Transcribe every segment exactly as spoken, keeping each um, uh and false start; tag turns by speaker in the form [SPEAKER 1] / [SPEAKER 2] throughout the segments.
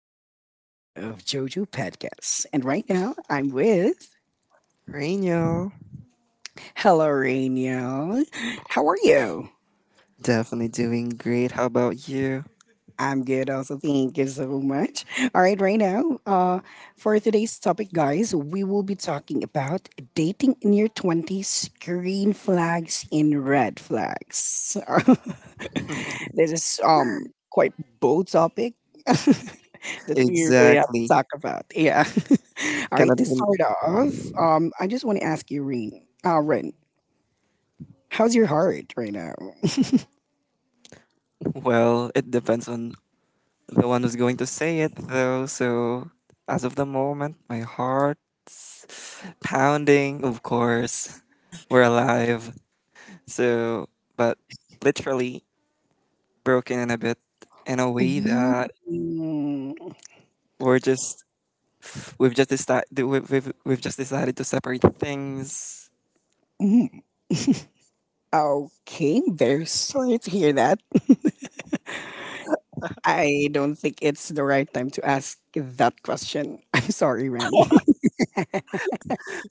[SPEAKER 1] to the newest episode of JoJo Podcast. And right now, I'm with.
[SPEAKER 2] Reno,
[SPEAKER 1] Hello, Rainiel. How are you?
[SPEAKER 2] definitely doing great. How about you?
[SPEAKER 1] I'm good also. Thank you so much. All right, right now, uh, for today's topic, guys, we will be talking about dating in your twenties, green flags and red flags. This is um quite bold topic that we really have to
[SPEAKER 2] Exactly.
[SPEAKER 1] talk about. Yeah. All right,
[SPEAKER 2] Cannot
[SPEAKER 1] to
[SPEAKER 2] even.
[SPEAKER 1] start off, um, I just want to ask you, Ren, uh, Ren, how's your heart right now?
[SPEAKER 2] Well, it depends on the one who's going to say it, though. So, as of the moment, my heart's pounding. Of course, we're alive. So, but literally broken in a bit in a way that
[SPEAKER 1] Mm.
[SPEAKER 2] we're just we've just decided we've, we've, we've just decided to separate things.
[SPEAKER 1] Mm. Okay, very sorry to hear that. I don't think it's the right time to ask that question. I'm sorry, Ran.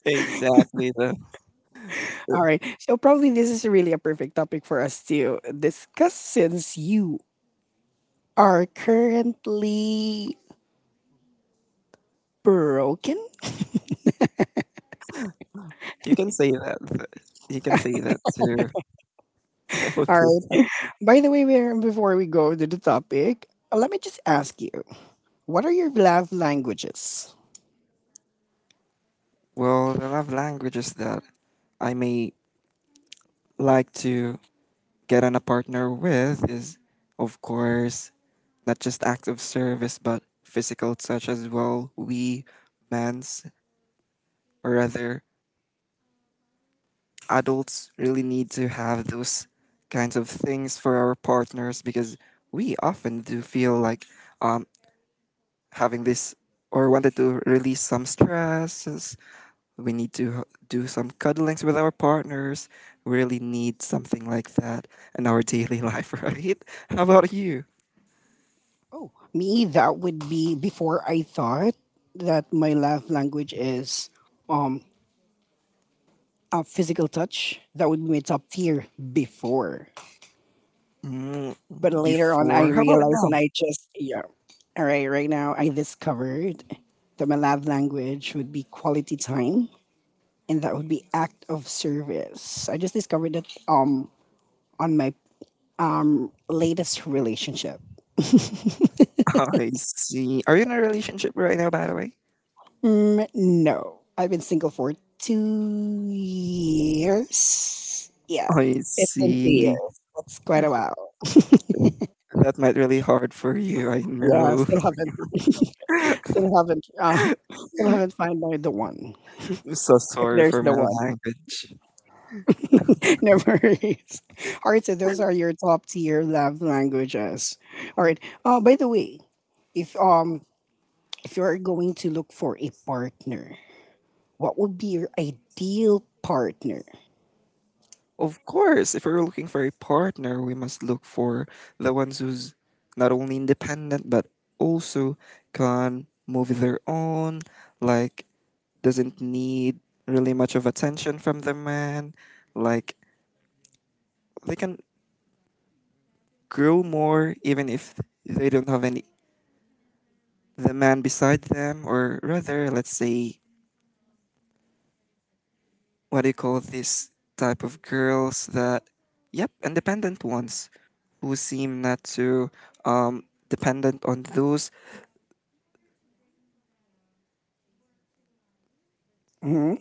[SPEAKER 2] Exactly.
[SPEAKER 1] All right. So, probably this is really a perfect topic for us to discuss since you are currently broken.
[SPEAKER 2] You can say that. th- You can say that too.
[SPEAKER 1] All
[SPEAKER 2] Okay.
[SPEAKER 1] right. By the way, we're- before we go to the topic, uh, let me just ask you what are your love languages?
[SPEAKER 2] Well, the love languages that I may like to get on a partner with is, of course, not just acts of service, but physical touch as well. We, men's, or rather, adults really need to have those kinds of things for our partners because we often do feel like um, having this or wanted to release some stresses. We need to h- do some cuddlings with our partners. We really need something like that in our daily life, right? How about you?
[SPEAKER 1] Oh, me, that would be before I thought that my love language is um a physical touch, that would be my top tier before.
[SPEAKER 2] Mm,
[SPEAKER 1] But later on, I
[SPEAKER 2] Before, how about
[SPEAKER 1] realized
[SPEAKER 2] now?
[SPEAKER 1] and I just, yeah. All right, right now, I discovered that my love language would be quality time and that would be act of service. I just discovered that um, on my um, latest relationship.
[SPEAKER 2] I see. Are you in a relationship right now, by the way?
[SPEAKER 1] Mm, no, I've been single for two years. Yeah,
[SPEAKER 2] I
[SPEAKER 1] it's been two
[SPEAKER 2] see.
[SPEAKER 1] years. That's quite a while.
[SPEAKER 2] That might really hard for you. I
[SPEAKER 1] Yeah,
[SPEAKER 2] know.
[SPEAKER 1] still haven't. Still haven't uh, still haven't found out the one.
[SPEAKER 2] I'm so
[SPEAKER 1] If
[SPEAKER 2] sorry
[SPEAKER 1] there's
[SPEAKER 2] for
[SPEAKER 1] the
[SPEAKER 2] my
[SPEAKER 1] one.
[SPEAKER 2] language.
[SPEAKER 1] No worries. All right, so those are your top tier love languages. All right. Uh by the way, if um if you're going to look for a partner, what would be your ideal partner?
[SPEAKER 2] Of course, if we're looking for a partner, we must look for the ones who's not only independent but also can move their own, like doesn't need really much of attention from the man, like they can grow more even if they don't have any the man beside them, or rather let's say what do you call this type of girls that, yep, independent ones who seem not to um dependent on those.
[SPEAKER 1] Hmm.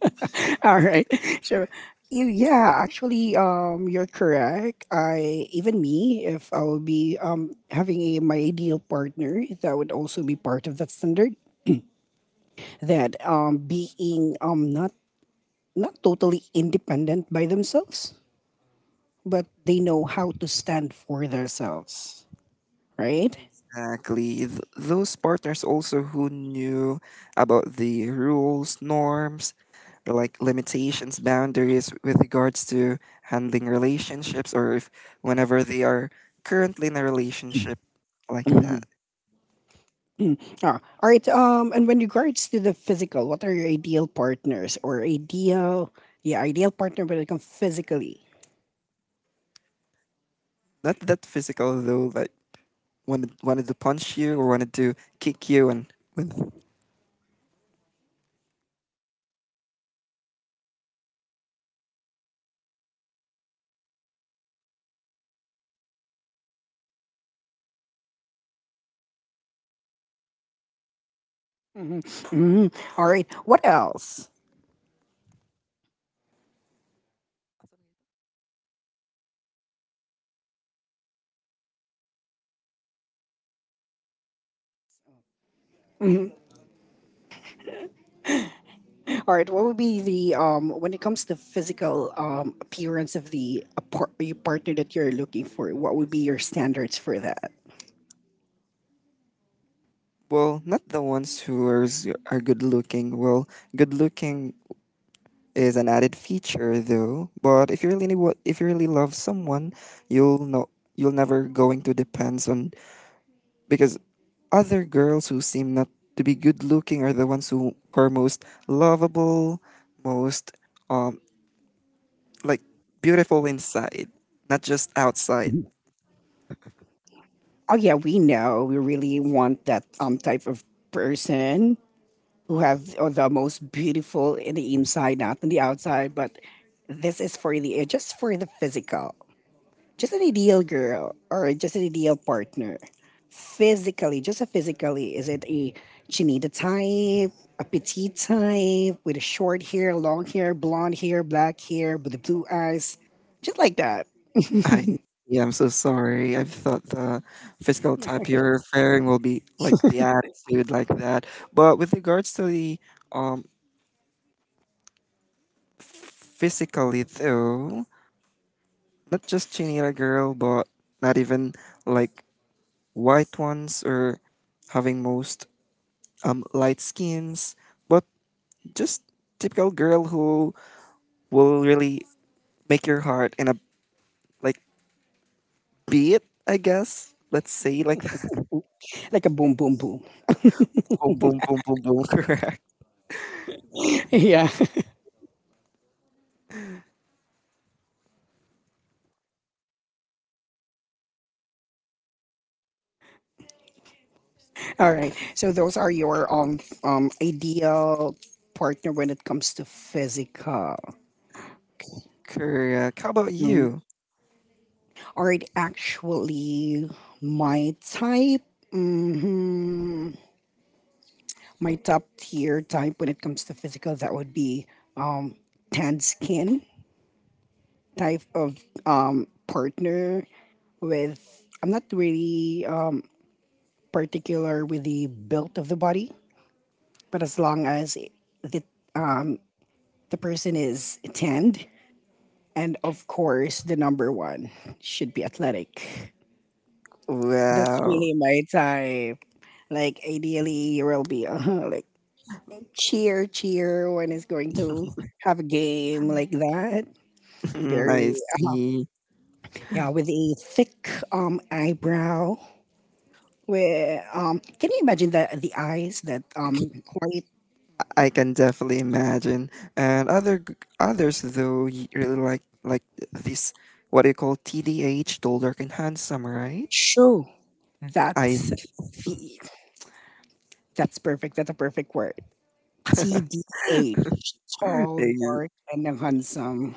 [SPEAKER 1] All right. So you, yeah, actually, um you're correct. I even me if I will be um having a my ideal partner, that would also be part of that standard that um being um not not totally independent by themselves, but they know how to stand for themselves, right?
[SPEAKER 2] Exactly, th- those partners also who knew about the rules, norms, like limitations, boundaries with regards to handling relationships, or if whenever they are currently in a relationship, like
[SPEAKER 1] Mm,
[SPEAKER 2] that.
[SPEAKER 1] mm. Ah, all right. Um, and when regards to the physical, what are your ideal partners or ideal? Yeah, ideal partner when it comes physically.
[SPEAKER 2] Not that physical though, like wanted wanted to punch you or wanted to kick you, and when...
[SPEAKER 1] Mhm. All right. What else? All right. What would be the um when it comes to physical um appearance of the a par- your partner that you're looking for? What would be your standards for that?
[SPEAKER 2] Well, not the ones who are, s- are good looking. Well, good looking is an added feature though. But if you really wa- if you really love someone, you'll know you'll never going to depends on, because other girls who seem not to be good looking are the ones who are most lovable, most um like beautiful inside, not just outside.
[SPEAKER 1] Oh yeah, we know we really want that um type of person who have the most beautiful in the inside, not in the outside. But this is for the eh, just for the physical, just an ideal girl or just an ideal partner. Physically, just a physically, is it a chinita type, a petite type with a short hair, long hair, blonde hair, black hair, with the blue eyes, just like that,
[SPEAKER 2] I Yeah, I'm so sorry. I thought the physical type you're referring will be like the attitude like that. But with regards to the um physically though, not just chinita girl, but not even like white ones or having most um light skins, but just typical girl who will really make your heart in a like beat, I guess. Let's say like
[SPEAKER 1] like a boom, boom, boom.
[SPEAKER 2] boom boom boom boom boom.
[SPEAKER 1] Yeah. All right. So those are your um um ideal partner when it comes to physical.
[SPEAKER 2] Correct. How about
[SPEAKER 1] Mm.
[SPEAKER 2] you?
[SPEAKER 1] Aren't actually my type. hmm My top tier type when it comes to physical, that would be um, tan skin type of um, partner with. I'm not really um, particular with the build of the body, but as long as the um, the person is tanned, and of course the number one should be athletic. That's
[SPEAKER 2] Wow.
[SPEAKER 1] really my type. Like ideally, you will be uh, like cheer, cheer when it's going to have a game like that. Very
[SPEAKER 2] I
[SPEAKER 1] uh,
[SPEAKER 2] see.
[SPEAKER 1] yeah, with a thick um eyebrow. Where um, can you imagine the the eyes that um quite
[SPEAKER 2] I can definitely imagine. And other g- others though y- really like like this, what do you call, T D H, tall, dark, and handsome, right?
[SPEAKER 1] true?
[SPEAKER 2] I
[SPEAKER 1] That's the that's perfect. That's a perfect word. T D H, tall,
[SPEAKER 2] ex-
[SPEAKER 1] dark, and handsome.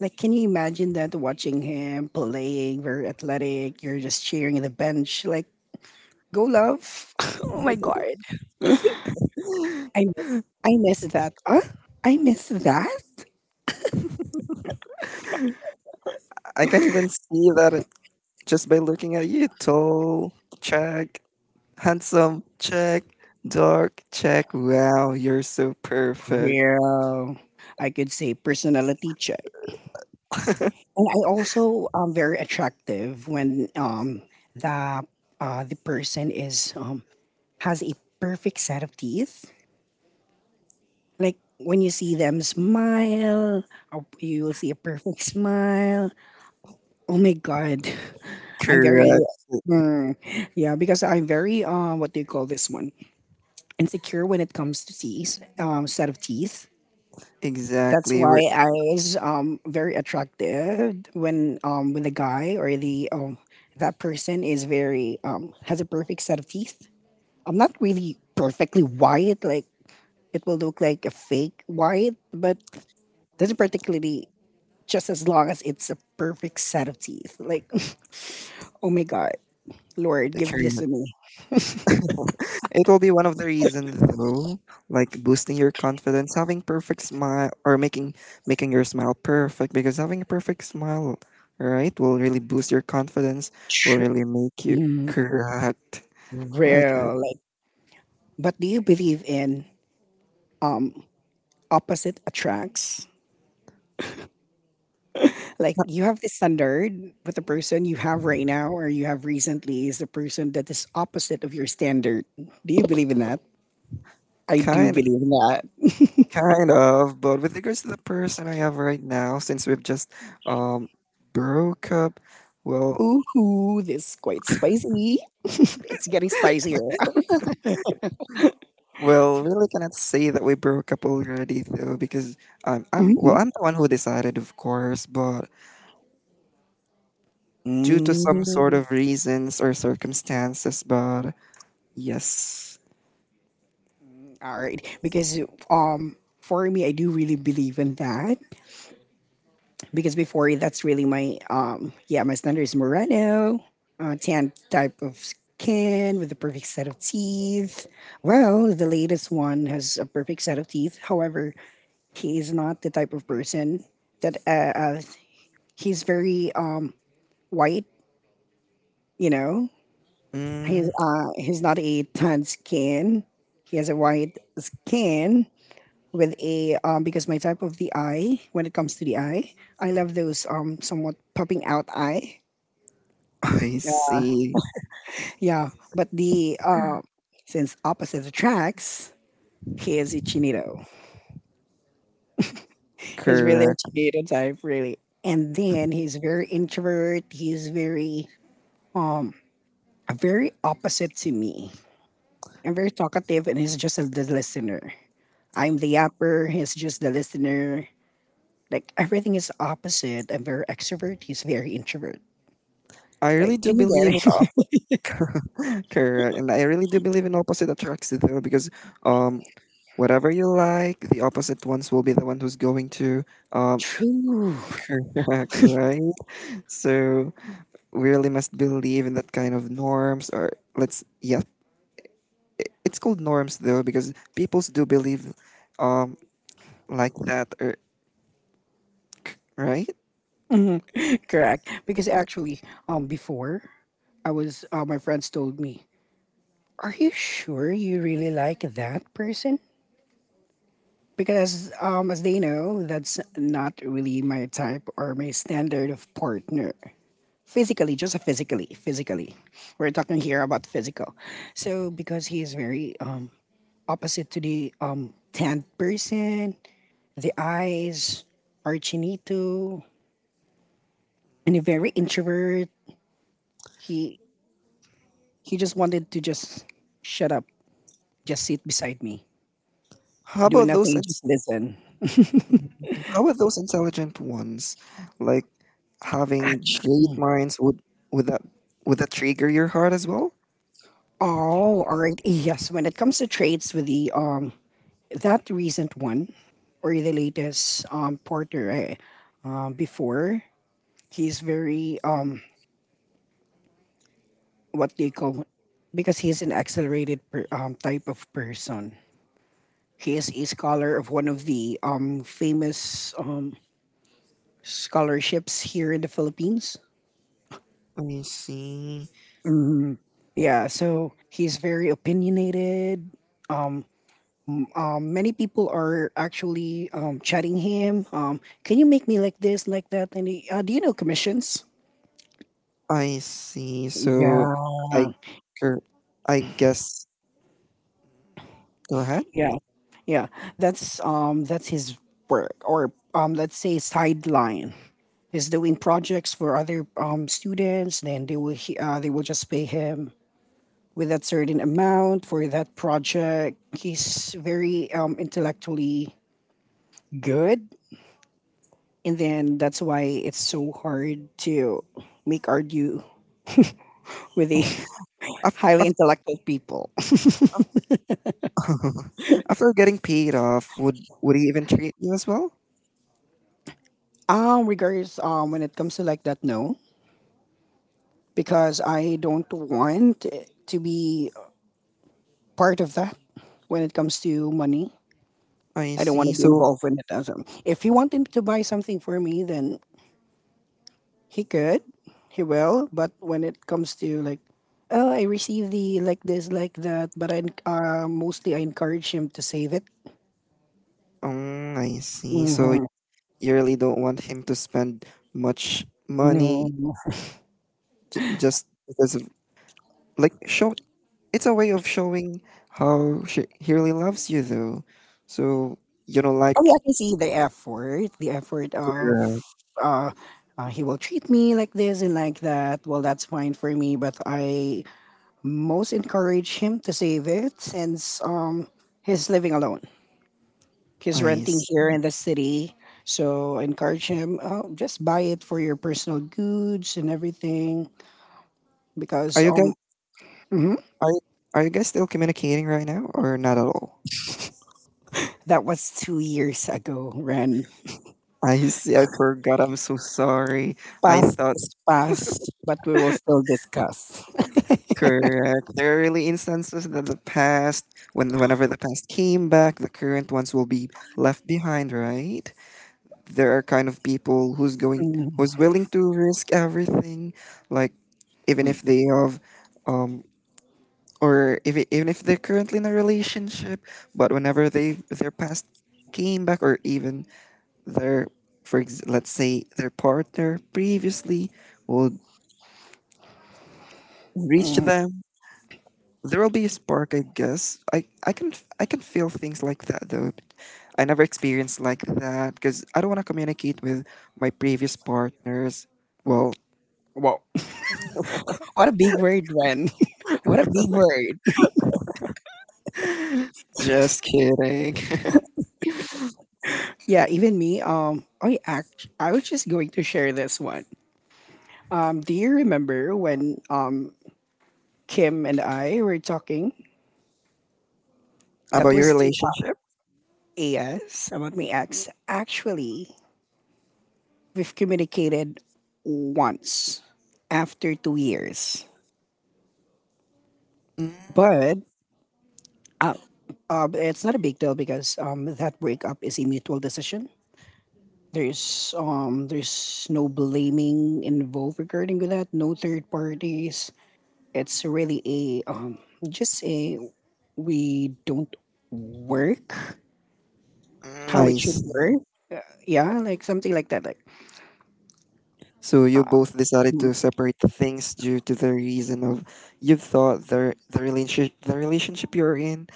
[SPEAKER 1] Like, can you imagine that watching him playing, very athletic, you're just cheering the bench, like, go love. Oh my God. I, I miss that. Huh? I miss that?
[SPEAKER 2] I can even see that it- just by looking at you. Tall, check. Handsome, check. Dark, check. Wow, you're so perfect.
[SPEAKER 1] Well, I could say personality check. And I also am very attractive when um, the, uh, the person is um, has a perfect set of teeth. Like, when you see them smile, uh, you will see a perfect smile. Oh my God. I'm very.
[SPEAKER 2] Correct.
[SPEAKER 1] Mm, yeah, because I'm very uh what do you call this one? Insecure when it comes to teeth, um set of teeth. That's
[SPEAKER 2] Exactly. We're
[SPEAKER 1] why I was um very attractive when um when the guy or the um that person is very um has a perfect set of teeth. I'm not really perfectly white, like it will look like a fake white, but doesn't particularly just as long as it's a perfect set of teeth. Like oh my God. Lord, give this to
[SPEAKER 2] correct.
[SPEAKER 1] me.
[SPEAKER 2] It will be one of the reasons though, like boosting your confidence, having perfect smile, or making making your smile perfect, because having a perfect smile, right, will really boost your confidence, will
[SPEAKER 1] Tr-
[SPEAKER 2] really make you...
[SPEAKER 1] mm,
[SPEAKER 2] correct. Like uh,
[SPEAKER 1] Real. Like, but do you believe in um opposite attracts? Like you have this standard with the person you have right now or you have recently is the person that is opposite of your standard. Do you believe in that? I do
[SPEAKER 2] kind
[SPEAKER 1] believe in that.
[SPEAKER 2] kind of, but with regards to the person I have right now, since we've just um broke up, well,
[SPEAKER 1] Ooh, this is quite spicy. It's getting spicier.
[SPEAKER 2] well really cannot say that we broke up already though, because um I, well,
[SPEAKER 1] Mhm.
[SPEAKER 2] I'm the one who decided of course, but due to some sort
[SPEAKER 1] Mm.
[SPEAKER 2] of reasons or circumstances, but yes.
[SPEAKER 1] All right, because um, for me, I do really believe in that. Because before that's really my um yeah my standard is Moreno, uh, tan type of skin with a perfect set of teeth. Well, the latest one has a perfect set of teeth. However, he is not the type of person that uh, uh he's very um white. You know, he's
[SPEAKER 2] Mm.
[SPEAKER 1] uh he's not a tan skin. He has a white skin with a um because my type of the eye when it comes to the eye, I love those um somewhat popping out eye.
[SPEAKER 2] I see.
[SPEAKER 1] Yeah, but the uh, since opposite attracts, he is a chinito. He's really a
[SPEAKER 2] Correct.
[SPEAKER 1] chinito type, really. And then he's very introvert. He's very very opposite to me. I'm very talkative, and he's just a, the listener. I'm the yapper. He's just the listener. Like everything is opposite. I'm very extrovert. He's very introvert.
[SPEAKER 2] I really
[SPEAKER 1] Like,
[SPEAKER 2] do
[SPEAKER 1] can you
[SPEAKER 2] believe
[SPEAKER 1] get
[SPEAKER 2] in
[SPEAKER 1] it?
[SPEAKER 2] op- correct, and I really do believe in opposite attracts though, because um, whatever you like, the opposite ones will be the one who's going to um,
[SPEAKER 1] True,
[SPEAKER 2] correct, right? So we really must believe in that kind of norms, or let's, yeah, i- it's called norms though, because peoples do believe um like that, or... right?
[SPEAKER 1] correct. Because actually, um, before I was, uh, my friends told me, "Are you sure you really like that person?" Because, um, as they know, that's not really my type or my standard of partner. Physically, just physically, physically. We're talking here about physical. So, because he is very um, opposite to the um, tanned person, the eyes are chinito, and a very introvert. He he just wanted to just shut up, just sit beside me,
[SPEAKER 2] How
[SPEAKER 1] do
[SPEAKER 2] about those
[SPEAKER 1] nothing,
[SPEAKER 2] ins-
[SPEAKER 1] just listen.
[SPEAKER 2] how about those intelligent ones? Like having great minds, would would that would that trigger your heart as well?
[SPEAKER 1] Oh, all right. Yes, when it comes to trades with the um that recent one or the latest um porter I, um before, he's very um what do you call because he's an accelerated per, um type of person. He is a scholar of one of the um famous um scholarships here in the Philippines.
[SPEAKER 2] I see.
[SPEAKER 1] Hmm, yeah, so he's very opinionated. um, um, many people are actually um, chatting him. Um, can you make me like this, like that? And he, uh, do you know commissions?
[SPEAKER 2] I see. So I
[SPEAKER 1] Yeah,
[SPEAKER 2] gu- I guess go ahead.
[SPEAKER 1] yeah, yeah. That's um, that's his work, or um, let's say sideline. He's doing projects for other um, students. Then they will he- uh, they will just pay him with that certain amount for that project. He's very um, intellectually good, and then that's why it's so hard to make argue with the
[SPEAKER 2] Af-
[SPEAKER 1] highly intellectual people.
[SPEAKER 2] After getting paid off, would would he even treat you as well?
[SPEAKER 1] Um, regards um, when it comes to like that, no, because I don't want it to be part of that. When it comes to money,
[SPEAKER 2] I
[SPEAKER 1] I don't want
[SPEAKER 2] see.
[SPEAKER 1] to be
[SPEAKER 2] So
[SPEAKER 1] involved in it. As um, if he wanted to buy something for me, then he could, he will. But when it comes to like, oh, I received the like this, like that, but I en- uh, mostly I encourage him to save it.
[SPEAKER 2] um, I see. So
[SPEAKER 1] Mhm.
[SPEAKER 2] you really don't want him to spend much
[SPEAKER 1] No.
[SPEAKER 2] money j- just because of, like, show, it's a way of showing how she, he really loves you though, so you know
[SPEAKER 1] I
[SPEAKER 2] like
[SPEAKER 1] mean, I can see the effort, the effort of,
[SPEAKER 2] your uh,
[SPEAKER 1] uh, uh, he will treat me like this and like that. Well, that's fine for me, but I most encourage him to save it since um he's living alone. He's renting
[SPEAKER 2] eyes
[SPEAKER 1] here in the city, so I encourage him. Oh, just buy it for your personal goods and everything
[SPEAKER 2] are
[SPEAKER 1] because
[SPEAKER 2] you guys
[SPEAKER 1] um mhm,
[SPEAKER 2] are, you- are you guys still communicating right now or not at all.
[SPEAKER 1] that was two years ago. Ren,
[SPEAKER 2] I see, I forgot, I'm so sorry. I
[SPEAKER 1] past
[SPEAKER 2] thought.
[SPEAKER 1] is past, but we will still discuss.
[SPEAKER 2] Correct, there are really instances that the past, when whenever the past came back, the current ones will be left behind, right? There are kind of people who's going
[SPEAKER 1] Mhm,
[SPEAKER 2] who's willing to risk everything, like even if they have um or if it, even if they're currently in a relationship, but whenever they, their past came back, or even their, for ex- let's say their partner previously will reach
[SPEAKER 1] mhm.
[SPEAKER 2] them, there will be a spark, I guess. I I can f- I can feel things like that though. I never experienced like that because I don't want to communicate with my previous partners. Well,
[SPEAKER 1] Well, what a big word, Ren. What a big word.
[SPEAKER 2] just kidding.
[SPEAKER 1] Yeah, even me. Um, I act. I was just going to share this one. Um, do you remember when um Kim and I were talking?
[SPEAKER 2] About
[SPEAKER 1] That
[SPEAKER 2] your
[SPEAKER 1] was the uh,
[SPEAKER 2] relationship?
[SPEAKER 1] as about my ex. Actually, we've communicated once after two years,
[SPEAKER 2] Mm,
[SPEAKER 1] but uh, uh, it's not a big deal because um that breakup is a mutual decision. There's um there's no blaming involved regarding with that. No third parties. It's really a um just a we don't work how it
[SPEAKER 2] nice.
[SPEAKER 1] should work. Yeah, like something like that. Like,
[SPEAKER 2] So you both decided
[SPEAKER 1] mm,
[SPEAKER 2] to separate the things due to the reason of, you thought the, the relationship the relationship you're in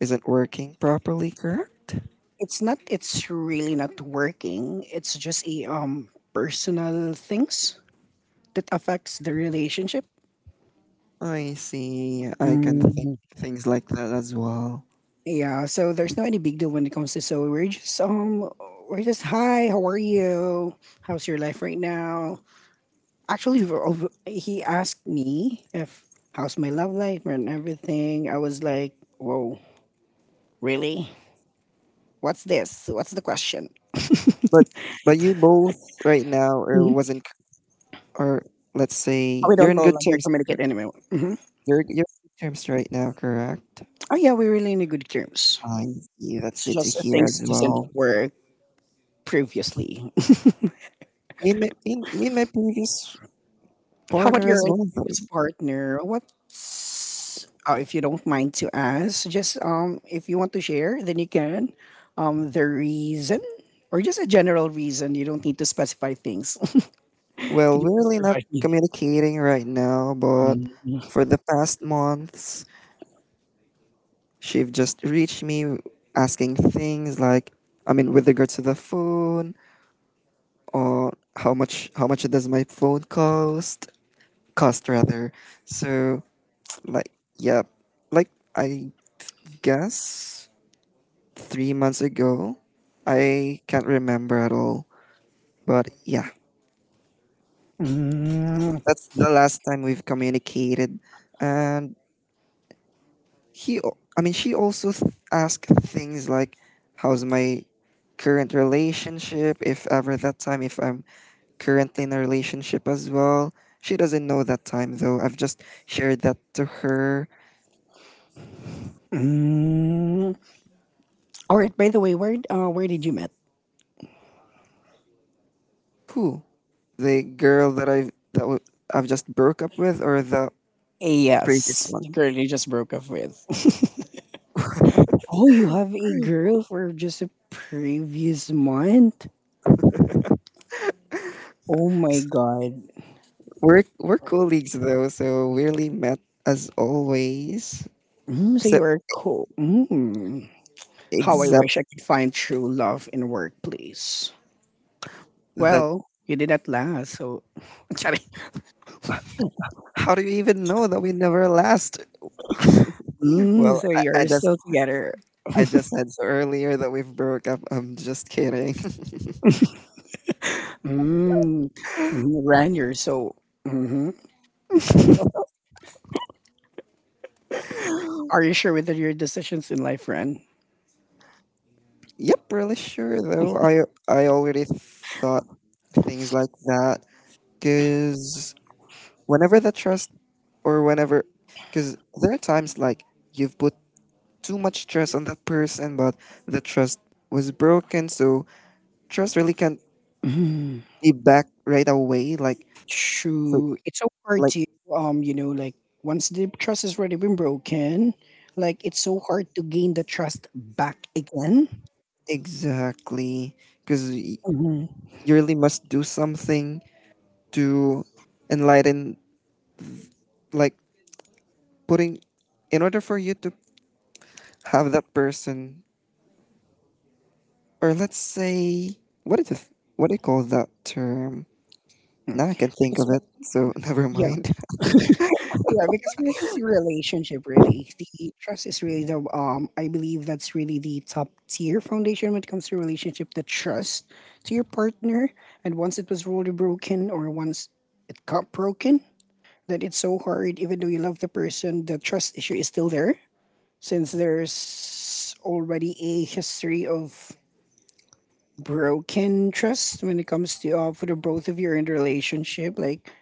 [SPEAKER 2] isn't working properly, correct?
[SPEAKER 1] it's not. It's really not working. It's just a um personal things that affects the relationship.
[SPEAKER 2] I see. I can think
[SPEAKER 1] Mm.
[SPEAKER 2] things like that as well.
[SPEAKER 1] Yeah, so there's no any big deal when it comes to so we're just um we're just, hi, how are you? How's your life right now? Actually, we're over- he asked me if how's my love life and everything. I was like, whoa, really? What's this? What's the question?
[SPEAKER 2] But but you both right now or
[SPEAKER 1] Mhm.
[SPEAKER 2] wasn't c- or let's say
[SPEAKER 1] We
[SPEAKER 2] you're
[SPEAKER 1] don't
[SPEAKER 2] in
[SPEAKER 1] no
[SPEAKER 2] good
[SPEAKER 1] longer
[SPEAKER 2] terms. Cor-
[SPEAKER 1] communicate anymore. hmm
[SPEAKER 2] You're you're in good terms right now, correct?
[SPEAKER 1] Oh yeah, we're really in good terms.
[SPEAKER 2] I see. That's
[SPEAKER 1] It's
[SPEAKER 2] good to
[SPEAKER 1] just
[SPEAKER 2] hear
[SPEAKER 1] things
[SPEAKER 2] as
[SPEAKER 1] that doesn't
[SPEAKER 2] well.
[SPEAKER 1] work previously.
[SPEAKER 2] Me and my, me and me and my previous
[SPEAKER 1] How about
[SPEAKER 2] partner
[SPEAKER 1] your
[SPEAKER 2] as well.
[SPEAKER 1] previous partner? What's uh, if you don't mind to ask, just um if you want to share, then you can. Um the reason or just a general reason. You don't need to specify things. Could
[SPEAKER 2] Well,
[SPEAKER 1] you
[SPEAKER 2] we're
[SPEAKER 1] please
[SPEAKER 2] really not
[SPEAKER 1] provide me?
[SPEAKER 2] communicating right now, but
[SPEAKER 1] Mm,
[SPEAKER 2] for the past months, she've just reached me asking things like, I mean, with regards to the phone, or how much how much does my phone cost? Cost rather. So, like, yeah, like I guess three months ago, I can't remember at all. But yeah,
[SPEAKER 1] mm,
[SPEAKER 2] that's the last time we've communicated, and he al- I mean she also th- asked things like how's my current relationship if ever that time if I'm currently in a relationship as well. She doesn't know that time though, I've just shared that to her.
[SPEAKER 1] mm. All right, by the way, where uh, where did you meet?
[SPEAKER 2] Who, the girl that I've, that w- I've just broke up with or the previous
[SPEAKER 1] Yes.
[SPEAKER 2] one?
[SPEAKER 1] The girl you just broke up with. Oh, you have a girl for just a previous month? Oh my god.
[SPEAKER 2] We're we're colleagues though, so we really met as always,
[SPEAKER 1] Mm, so you
[SPEAKER 2] except,
[SPEAKER 1] are cool. Mm. How I wish
[SPEAKER 2] except
[SPEAKER 1] I could find true love in workplace.
[SPEAKER 2] that.
[SPEAKER 1] Well, you did at last. So, I'm sorry.
[SPEAKER 2] How do you even know that we never last?
[SPEAKER 1] Mm,
[SPEAKER 2] Well,
[SPEAKER 1] so
[SPEAKER 2] I, I
[SPEAKER 1] you're
[SPEAKER 2] just
[SPEAKER 1] still together.
[SPEAKER 2] I just said so earlier that we've broke up. I'm just kidding.
[SPEAKER 1] Mm, mm, Ren, you're so. hmm Are you sure with your decisions in life, Ren?
[SPEAKER 2] Yep, really sure though. I I already thought things like that because whenever the trust, or whenever, because there are times like you've put too much trust on that person, but the trust was broken. So trust really can't
[SPEAKER 1] Mm,
[SPEAKER 2] be back right away. Like, so,
[SPEAKER 1] true. It's so hard
[SPEAKER 2] like
[SPEAKER 1] to, um, you know, like once the trust has already been broken, like it's so hard to gain the trust back again.
[SPEAKER 2] exactly, because you
[SPEAKER 1] hmm
[SPEAKER 2] really must do something to enlighten, like putting, in order for you to have that person, or let's say, what is it, what do you call that term, now I can think
[SPEAKER 1] Because,
[SPEAKER 2] of it, so never mind.
[SPEAKER 1] yeah, because when it comes to relationship, really, the trust is really the um. I believe that's really the top tier foundation when it comes to relationship. The trust to your partner, and once it was really broken, or once it got broken, that it's so hard. Even though you love the person, the trust issue is still there since there's already a history of broken trust when it comes to uh, for the both of you in the relationship. Like,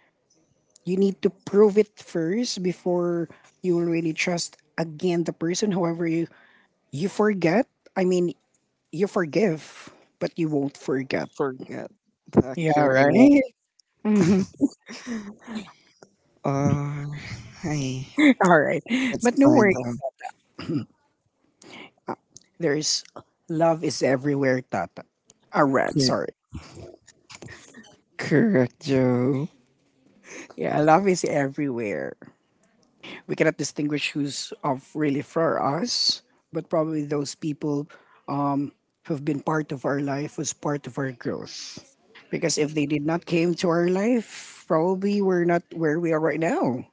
[SPEAKER 1] you need to prove it first before you will really trust again the person, however you you forget, i mean you forgive but you won't forget.
[SPEAKER 2] Forget the
[SPEAKER 1] Yeah, right.
[SPEAKER 2] correct,
[SPEAKER 1] Mhm.
[SPEAKER 2] uh, hey,
[SPEAKER 1] All right.
[SPEAKER 2] it's
[SPEAKER 1] But no
[SPEAKER 2] fine
[SPEAKER 1] worry.
[SPEAKER 2] though.
[SPEAKER 1] Uh, there's love is everywhere, Tata. Uh, red,
[SPEAKER 2] You're
[SPEAKER 1] sorry.
[SPEAKER 2] correct, Joe.
[SPEAKER 1] Yeah, love is everywhere. We cannot distinguish who's of really for us, but probably those people, um who've been part of our life was part of our growth, because if they did not came to our life, probably we're not where we are right now.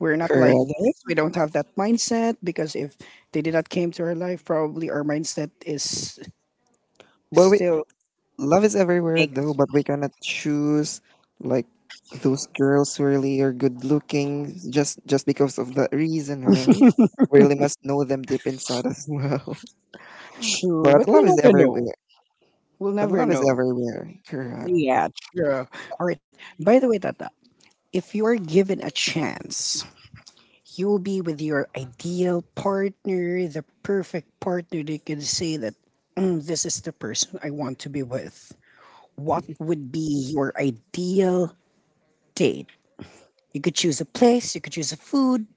[SPEAKER 1] We're not like
[SPEAKER 2] Correct,
[SPEAKER 1] this. We don't have that mindset because if they did not came to our life, probably our mindset is
[SPEAKER 2] but we,
[SPEAKER 1] still
[SPEAKER 2] love is everywhere though,
[SPEAKER 1] negative.
[SPEAKER 2] but we cannot choose, like those girls who really are good looking just just because of that reason, right? We really must know them deep inside as well.
[SPEAKER 1] True,
[SPEAKER 2] But
[SPEAKER 1] but we
[SPEAKER 2] love is
[SPEAKER 1] never know.
[SPEAKER 2] everywhere.
[SPEAKER 1] We'll
[SPEAKER 2] But
[SPEAKER 1] never
[SPEAKER 2] love is
[SPEAKER 1] know.
[SPEAKER 2] everywhere. Correct.
[SPEAKER 1] Yeah, true. All right, by the way, Tata, if you're given a chance, you'll be with your ideal partner, the perfect partner they can say that, "Mm, this is the person I want to be with." What would be your ideal date? You could choose a place, you could choose a food,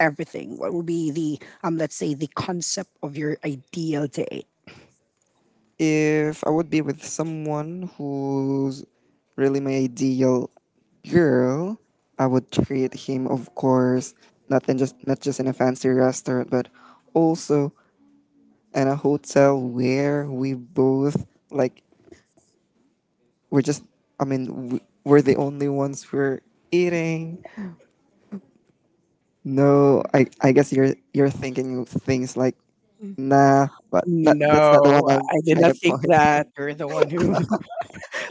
[SPEAKER 1] everything. What would be the um let's say the concept of your ideal date?
[SPEAKER 2] If I would be with someone who's really my ideal girl, I would treat him, of course, not in just, not just in a fancy restaurant, but also in a hotel where we both, like, we're just... I mean, w- we're the only ones who are eating. No, I I guess you're you're thinking of things like, nah, but not, that's not the one
[SPEAKER 1] No,
[SPEAKER 2] I'm
[SPEAKER 1] I did
[SPEAKER 2] trying
[SPEAKER 1] not
[SPEAKER 2] to
[SPEAKER 1] think
[SPEAKER 2] point.
[SPEAKER 1] that. You're the one who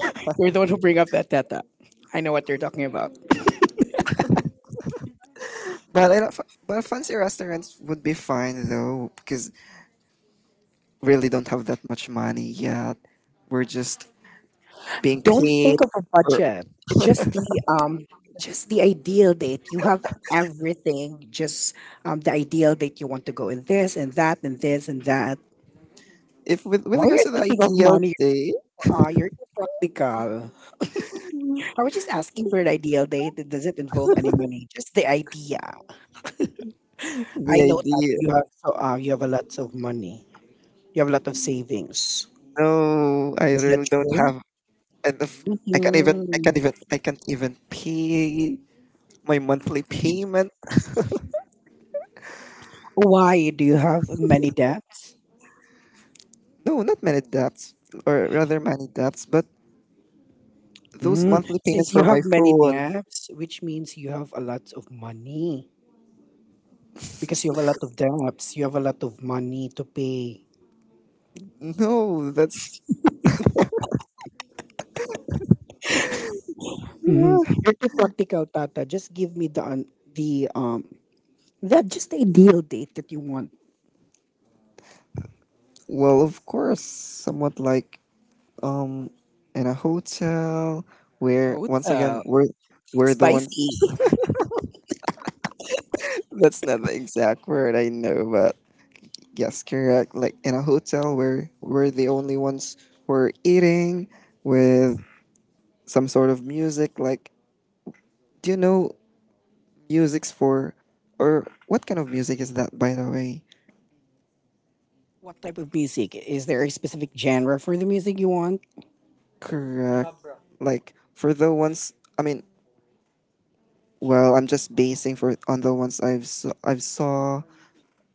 [SPEAKER 1] you're the one who bring up that data. I know what you're talking about.
[SPEAKER 2] But I don't, f- but fancy restaurants would be fine though, because we really don't have that much money yet. We're just being
[SPEAKER 1] Don't
[SPEAKER 2] paid.
[SPEAKER 1] think of a
[SPEAKER 2] Or
[SPEAKER 1] budget. Just the um just the ideal date. You have everything, just um the ideal date you want to go in this and that and this and that.
[SPEAKER 2] if with with
[SPEAKER 1] Why are
[SPEAKER 2] regards to the
[SPEAKER 1] thinking of
[SPEAKER 2] ideal
[SPEAKER 1] money?
[SPEAKER 2] day,
[SPEAKER 1] Ah, you're too practical. I was just asking for an ideal date. It doesn't involve any money, just the idea.
[SPEAKER 2] the
[SPEAKER 1] I know that
[SPEAKER 2] idea.
[SPEAKER 1] you have so uh, you have a lot of money. You have a lot of savings.
[SPEAKER 2] No, I
[SPEAKER 1] Is that
[SPEAKER 2] really don't
[SPEAKER 1] true?
[SPEAKER 2] have enough. I can't even. I can't
[SPEAKER 1] Mhm.
[SPEAKER 2] even. I can't even pay my monthly payment.
[SPEAKER 1] Why do you have many debts?
[SPEAKER 2] No, not many debts, or rather many debts, but those
[SPEAKER 1] Mm.
[SPEAKER 2] monthly payments
[SPEAKER 1] Since you
[SPEAKER 2] for
[SPEAKER 1] have
[SPEAKER 2] my
[SPEAKER 1] many
[SPEAKER 2] phone.
[SPEAKER 1] debts, which means you have a lot of money. Because you have a lot of debts, you have a lot of money to pay.
[SPEAKER 2] No, that's...
[SPEAKER 1] Mhm. You're too practical, Tata. Just give me the un- the um that just the ideal date that you want.
[SPEAKER 2] Well, of course, somewhat like um in a hotel where once again
[SPEAKER 1] Hotel.
[SPEAKER 2] we're we're the ones...
[SPEAKER 1] Spicy.
[SPEAKER 2] that's not the exact word I know, but yes, correct. Like in a hotel where we're the only ones who are eating with some sort of music. Like, do you know music's for, or what kind of music is that, by the way?
[SPEAKER 1] What type of music? Is there a specific genre for the music you want?
[SPEAKER 2] Correct. Like for the ones, I mean, well, I'm just basing for on the ones I've saw, I've saw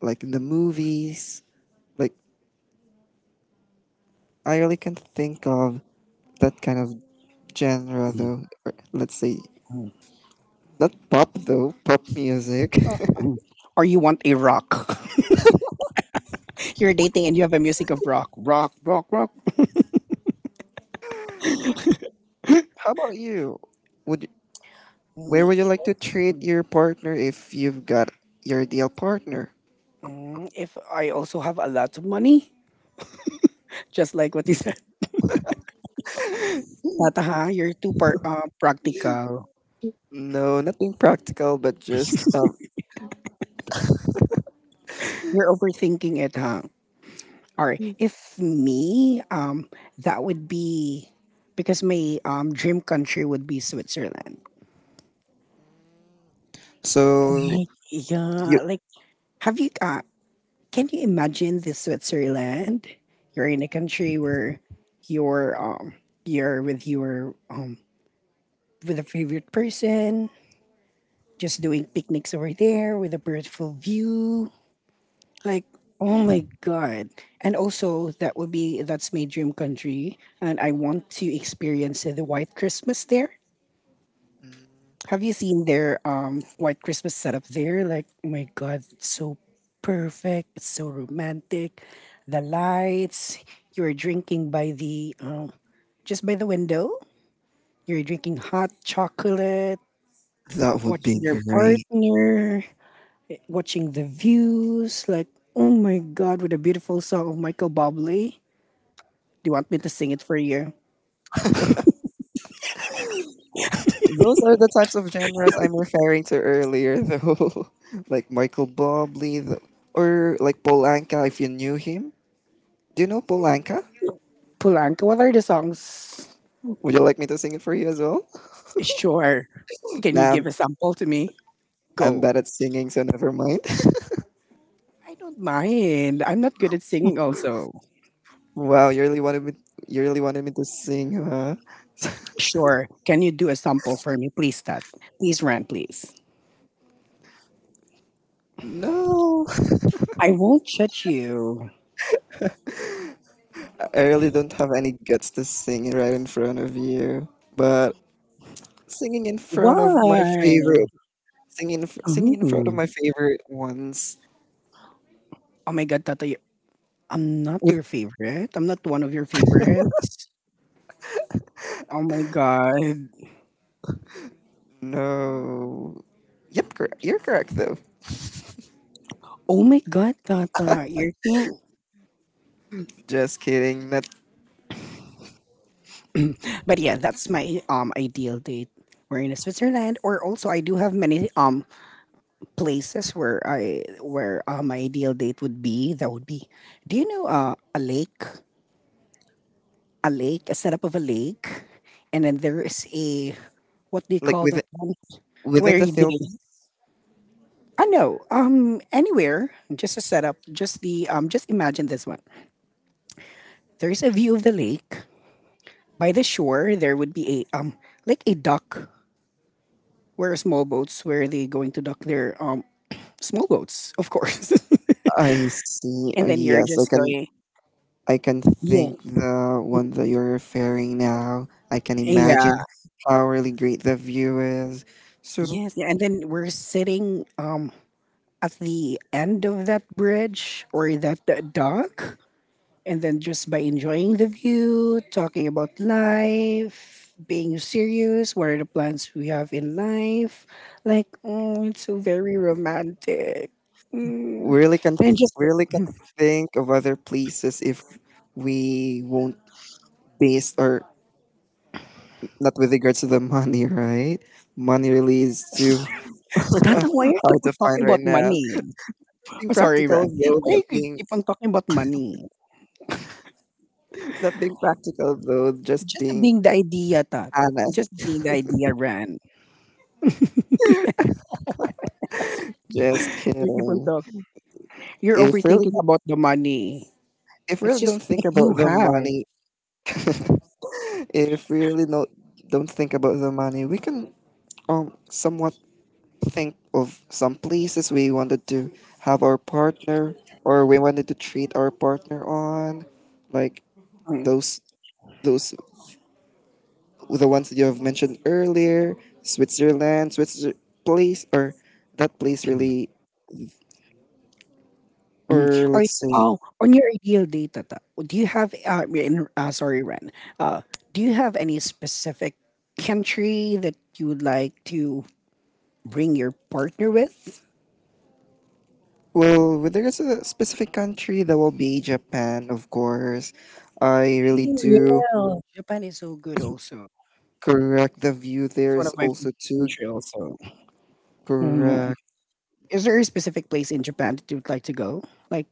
[SPEAKER 2] like in the movies, like, I really can't think of that kind of genre though. Or, let's see, not pop though. Pop music.
[SPEAKER 1] Mhm. Or you want a rock? You're dating and you have a music of rock. Rock, rock, rock.
[SPEAKER 2] How about you? Would where
[SPEAKER 1] Me.
[SPEAKER 2] would you like to treat your partner if you've got your ideal partner?
[SPEAKER 1] Mm, if I also have a lot of money, just like what you said. Tataha, you're too par- uh, practical.
[SPEAKER 2] No, nothing practical, but just um.
[SPEAKER 1] You're overthinking it, huh? All right. If me, um, that would be because my um dream country would be Switzerland.
[SPEAKER 2] So
[SPEAKER 1] Like,
[SPEAKER 2] you
[SPEAKER 1] yeah, like have you uh can you imagine the Switzerland? You're in a country where you're um you're with your um with a favorite person, just doing picnics over there with a beautiful view. Like, oh my god. And also that would be that's my dream country and I want to experience the white Christmas there. Have you seen their um white Christmas setup there? Like, oh my god, it's so perfect. It's so romantic. The lights, you're drinking by the um just by the window. You're drinking hot chocolate,
[SPEAKER 2] that would
[SPEAKER 1] watching
[SPEAKER 2] be
[SPEAKER 1] your
[SPEAKER 2] great.
[SPEAKER 1] partner, watching the views, like oh my god, with a beautiful song of Michael Bublé. Do you want me to sing it for you?
[SPEAKER 2] Those are the types of genres I'm referring to earlier, though, like Michael Bublé th- or like Paul Anka. If you knew him, do you know Paul Anka?
[SPEAKER 1] Pulanka, what are the songs?
[SPEAKER 2] Would you like me to sing it for you as well?
[SPEAKER 1] Sure. Can you
[SPEAKER 2] Nah,
[SPEAKER 1] give
[SPEAKER 2] I'm,
[SPEAKER 1] a sample to me?
[SPEAKER 2] I'm
[SPEAKER 1] Go.
[SPEAKER 2] bad at singing, so never mind.
[SPEAKER 1] I don't mind. I'm not good at singing, also.
[SPEAKER 2] Wow, you really wanted me. You really wanted me to sing, huh?
[SPEAKER 1] Sure. Can you do a sample for me, please, Tat? Please, Rant, please.
[SPEAKER 2] No,
[SPEAKER 1] I won't judge you.
[SPEAKER 2] I really don't have any guts to sing right in front of you. But singing in front of my
[SPEAKER 1] Why?
[SPEAKER 2] favorite, singing, in fr- singing in front of
[SPEAKER 1] Mhm.
[SPEAKER 2] my favorite ones
[SPEAKER 1] Oh my God, Tata, you— I'm not
[SPEAKER 2] would.
[SPEAKER 1] your favorite. I'm not one of your favorites. Oh my God.
[SPEAKER 2] No. Yep, cor- you're correct though.
[SPEAKER 1] Oh my God, Tata, you're too.
[SPEAKER 2] Just kidding. Not
[SPEAKER 1] But yeah, that's my um ideal date. We're in Switzerland, or also I do have many um places where I where uh, my ideal date would be. That would be, do you know uh, a lake, a lake, a setup of a lake, and then there is a what do you
[SPEAKER 2] like
[SPEAKER 1] call
[SPEAKER 2] within
[SPEAKER 1] that one
[SPEAKER 2] within
[SPEAKER 1] where
[SPEAKER 2] the
[SPEAKER 1] you
[SPEAKER 2] film.
[SPEAKER 1] date? I know um anywhere just a setup, just the um just imagine this one. There is a view of the lake by the shore. There would be a um like a dock, where are small boats? Where are they going to dock their um small boats? Of course.
[SPEAKER 2] I see. Oh,
[SPEAKER 1] And then you're
[SPEAKER 2] yes, I
[SPEAKER 1] just
[SPEAKER 2] can.
[SPEAKER 1] going,
[SPEAKER 2] I can
[SPEAKER 1] yeah,
[SPEAKER 2] think the one that you're referring now. I can imagine
[SPEAKER 1] yeah,
[SPEAKER 2] how really great the view is. So
[SPEAKER 1] yes, yeah. And then we're sitting um at the end of that bridge or that uh, dock, and then just by enjoying the view, talking about life, being serious, what are the plans we have in life? Like, oh, it's so very romantic. Mm.
[SPEAKER 2] we really can
[SPEAKER 1] And just,
[SPEAKER 2] really can think of other places if we won't base, or not, with regards to the money, right? Money really is too
[SPEAKER 1] Tata, why are you keep
[SPEAKER 2] hard
[SPEAKER 1] on
[SPEAKER 2] to
[SPEAKER 1] talking
[SPEAKER 2] find right
[SPEAKER 1] about
[SPEAKER 2] now.
[SPEAKER 1] money?
[SPEAKER 2] Being
[SPEAKER 1] Oh, sorry,
[SPEAKER 2] practical
[SPEAKER 1] Ran.
[SPEAKER 2] though, not
[SPEAKER 1] Why you
[SPEAKER 2] being
[SPEAKER 1] keep on talking about money?
[SPEAKER 2] not being practical though, just
[SPEAKER 1] Just
[SPEAKER 2] being
[SPEAKER 1] being the idea, Tata. Just
[SPEAKER 2] honest.
[SPEAKER 1] being the idea, Ran.
[SPEAKER 2] Just
[SPEAKER 1] You keep on
[SPEAKER 2] kidding.
[SPEAKER 1] talking. You're
[SPEAKER 2] If
[SPEAKER 1] overthinking
[SPEAKER 2] really
[SPEAKER 1] about the money.
[SPEAKER 2] if
[SPEAKER 1] It's
[SPEAKER 2] really
[SPEAKER 1] just
[SPEAKER 2] don't think
[SPEAKER 1] if you
[SPEAKER 2] about the
[SPEAKER 1] have,
[SPEAKER 2] money. If we really no, don't think about the money, we can um somewhat think of some places we wanted to have our partner, or we wanted to treat our partner on, like
[SPEAKER 1] mm,
[SPEAKER 2] those those the ones that you have mentioned earlier. Switzerland, Switzerland place, or that place really,
[SPEAKER 1] mm.
[SPEAKER 2] or
[SPEAKER 1] Or
[SPEAKER 2] let's say,
[SPEAKER 1] oh, on your ideal day, Tata. Do you have? Uh, in- uh sorry, Ran. Uh, do you have any specific country that you would like to bring your partner with?
[SPEAKER 2] well, with regards to the specific country, that will be Japan of course. I really
[SPEAKER 1] Hey,
[SPEAKER 2] do.
[SPEAKER 1] yeah. Japan is so good. Also,
[SPEAKER 2] Correct. The view there
[SPEAKER 1] it's one
[SPEAKER 2] is
[SPEAKER 1] of my favorite
[SPEAKER 2] also too
[SPEAKER 1] country. Also. Mm-hmm.
[SPEAKER 2] correct.
[SPEAKER 1] Is there a specific place in Japan that you would like to go? Like,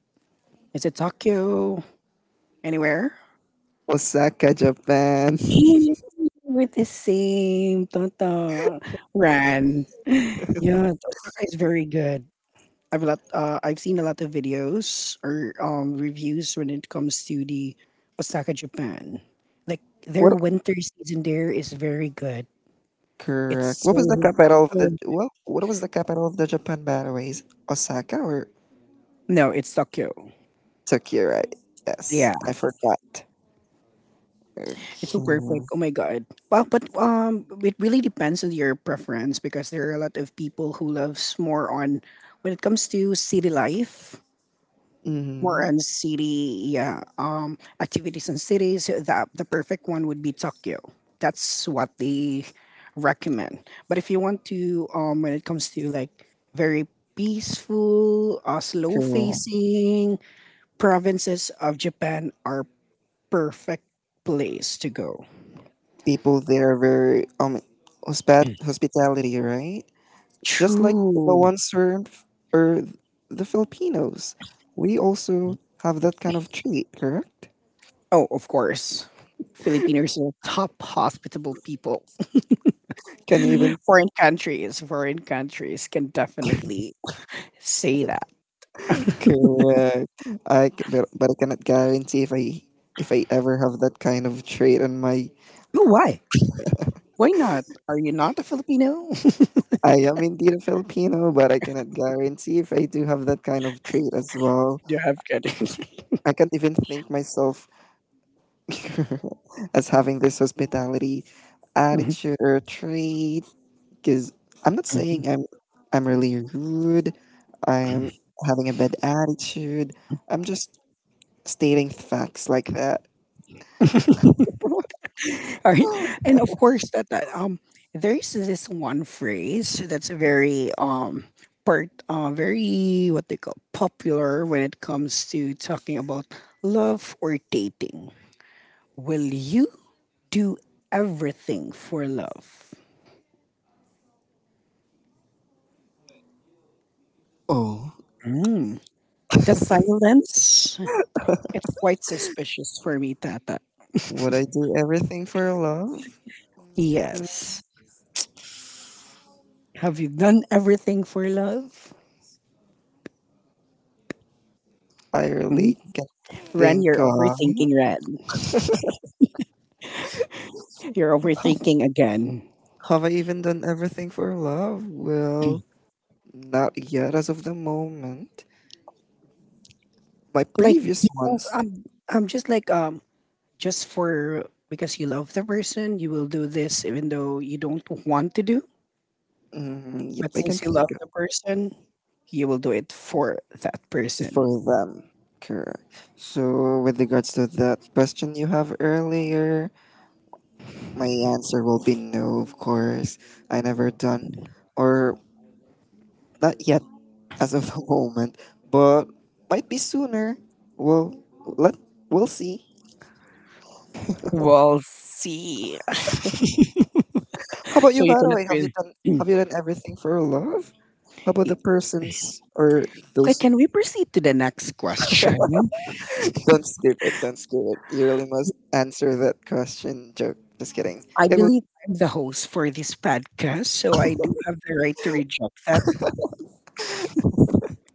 [SPEAKER 1] is it Tokyo? Anywhere?
[SPEAKER 2] Osaka, Japan.
[SPEAKER 1] Hey, we're the same. Tonton. Ran. Yeah, Osaka is very good. I've a lot. Uh, I've seen a lot of videos or um reviews when it comes to the Osaka, Japan. Like, their
[SPEAKER 2] What?
[SPEAKER 1] winter season there is very good. It's
[SPEAKER 2] Correct. What was the
[SPEAKER 1] so.
[SPEAKER 2] capital of the, well? What was the capital of the Japan? By the way, is Osaka or
[SPEAKER 1] No, it's Tokyo.
[SPEAKER 2] Tokyo? Right. Yes,
[SPEAKER 1] Yeah.
[SPEAKER 2] I forgot.
[SPEAKER 1] It's so
[SPEAKER 2] Okay.
[SPEAKER 1] perfect. Oh my god. Well, but um, it really depends on your preference because there are a lot of people who loves more on when it comes to city life, more
[SPEAKER 2] Mm-hmm.
[SPEAKER 1] on city, yeah, um activities in cities. So the the perfect one would be Tokyo. That's what they recommend. But if you want to um, when it comes to like very peaceful, uh, slow
[SPEAKER 2] Correct.
[SPEAKER 1] facing provinces of Japan are perfect place to go.
[SPEAKER 2] People there are very um hospat hospitality, right? Just like the
[SPEAKER 1] True.
[SPEAKER 2] ones who, or the Filipinos, we also have that kind of treat. Correct.
[SPEAKER 1] Oh, of course. Filipinos are top hospitable people.
[SPEAKER 2] Can you even?
[SPEAKER 1] Foreign countries, foreign countries can definitely say that.
[SPEAKER 2] Correct. I c- but, but, I cannot guarantee if I if I ever have that kind of trait on my.
[SPEAKER 1] Oh, why? Why not? Are you not a Filipino?
[SPEAKER 2] I am indeed a Filipino, but I cannot guarantee if I do have that kind of trait as well.
[SPEAKER 1] Do you have good?
[SPEAKER 2] I can't even think myself as having this hospitality
[SPEAKER 1] Mhm,
[SPEAKER 2] attitude or trait, because I'm not
[SPEAKER 1] mhm,
[SPEAKER 2] saying I'm I'm really rude. I
[SPEAKER 1] mhm.
[SPEAKER 2] am having a bad attitude. I'm just stating facts like that.
[SPEAKER 1] All right, and of course that, that um there's this one phrase that's very um part uh, very what they call popular when it comes to talking about love or dating. Will you do everything for love?
[SPEAKER 2] Oh.
[SPEAKER 1] Mm. The silence, it's quite suspicious for me, Tata.
[SPEAKER 2] Would I do everything for love?
[SPEAKER 1] Yes. Have you done everything for love?
[SPEAKER 2] I
[SPEAKER 1] Mm?
[SPEAKER 2] really can't
[SPEAKER 1] Ren,
[SPEAKER 2] think
[SPEAKER 1] you're
[SPEAKER 2] of.
[SPEAKER 1] overthinking, Ren. You're overthinking again.
[SPEAKER 2] Have I even done everything for love? Well, not yet as of the moment. My
[SPEAKER 1] Like,
[SPEAKER 2] previous
[SPEAKER 1] because
[SPEAKER 2] ones,
[SPEAKER 1] I'm, I'm just like, um, just for because you love the person, you will do this even though you don't want to do.
[SPEAKER 2] mm, yep,
[SPEAKER 1] But
[SPEAKER 2] I can
[SPEAKER 1] since you love
[SPEAKER 2] think of
[SPEAKER 1] the person, you will do it for that person.
[SPEAKER 2] for them. Correct. So, with regards to that question you have earlier, my answer will be no, of course. I never done, or not yet, as of the moment, but might be sooner. Well, let we'll see.
[SPEAKER 1] We'll see. So
[SPEAKER 2] How about you,
[SPEAKER 1] you
[SPEAKER 2] by the
[SPEAKER 1] cannot
[SPEAKER 2] way? Have you
[SPEAKER 1] really.
[SPEAKER 2] done Have you done everything for love? How about the persons or
[SPEAKER 1] Okay,
[SPEAKER 2] those?
[SPEAKER 1] can we proceed to the next question?
[SPEAKER 2] Don't skip it. Don't skip it. You really must answer that question. Joke. Just kidding.
[SPEAKER 1] I
[SPEAKER 2] It will.
[SPEAKER 1] believe I'm the host for this podcast, so I do have the right to reject that.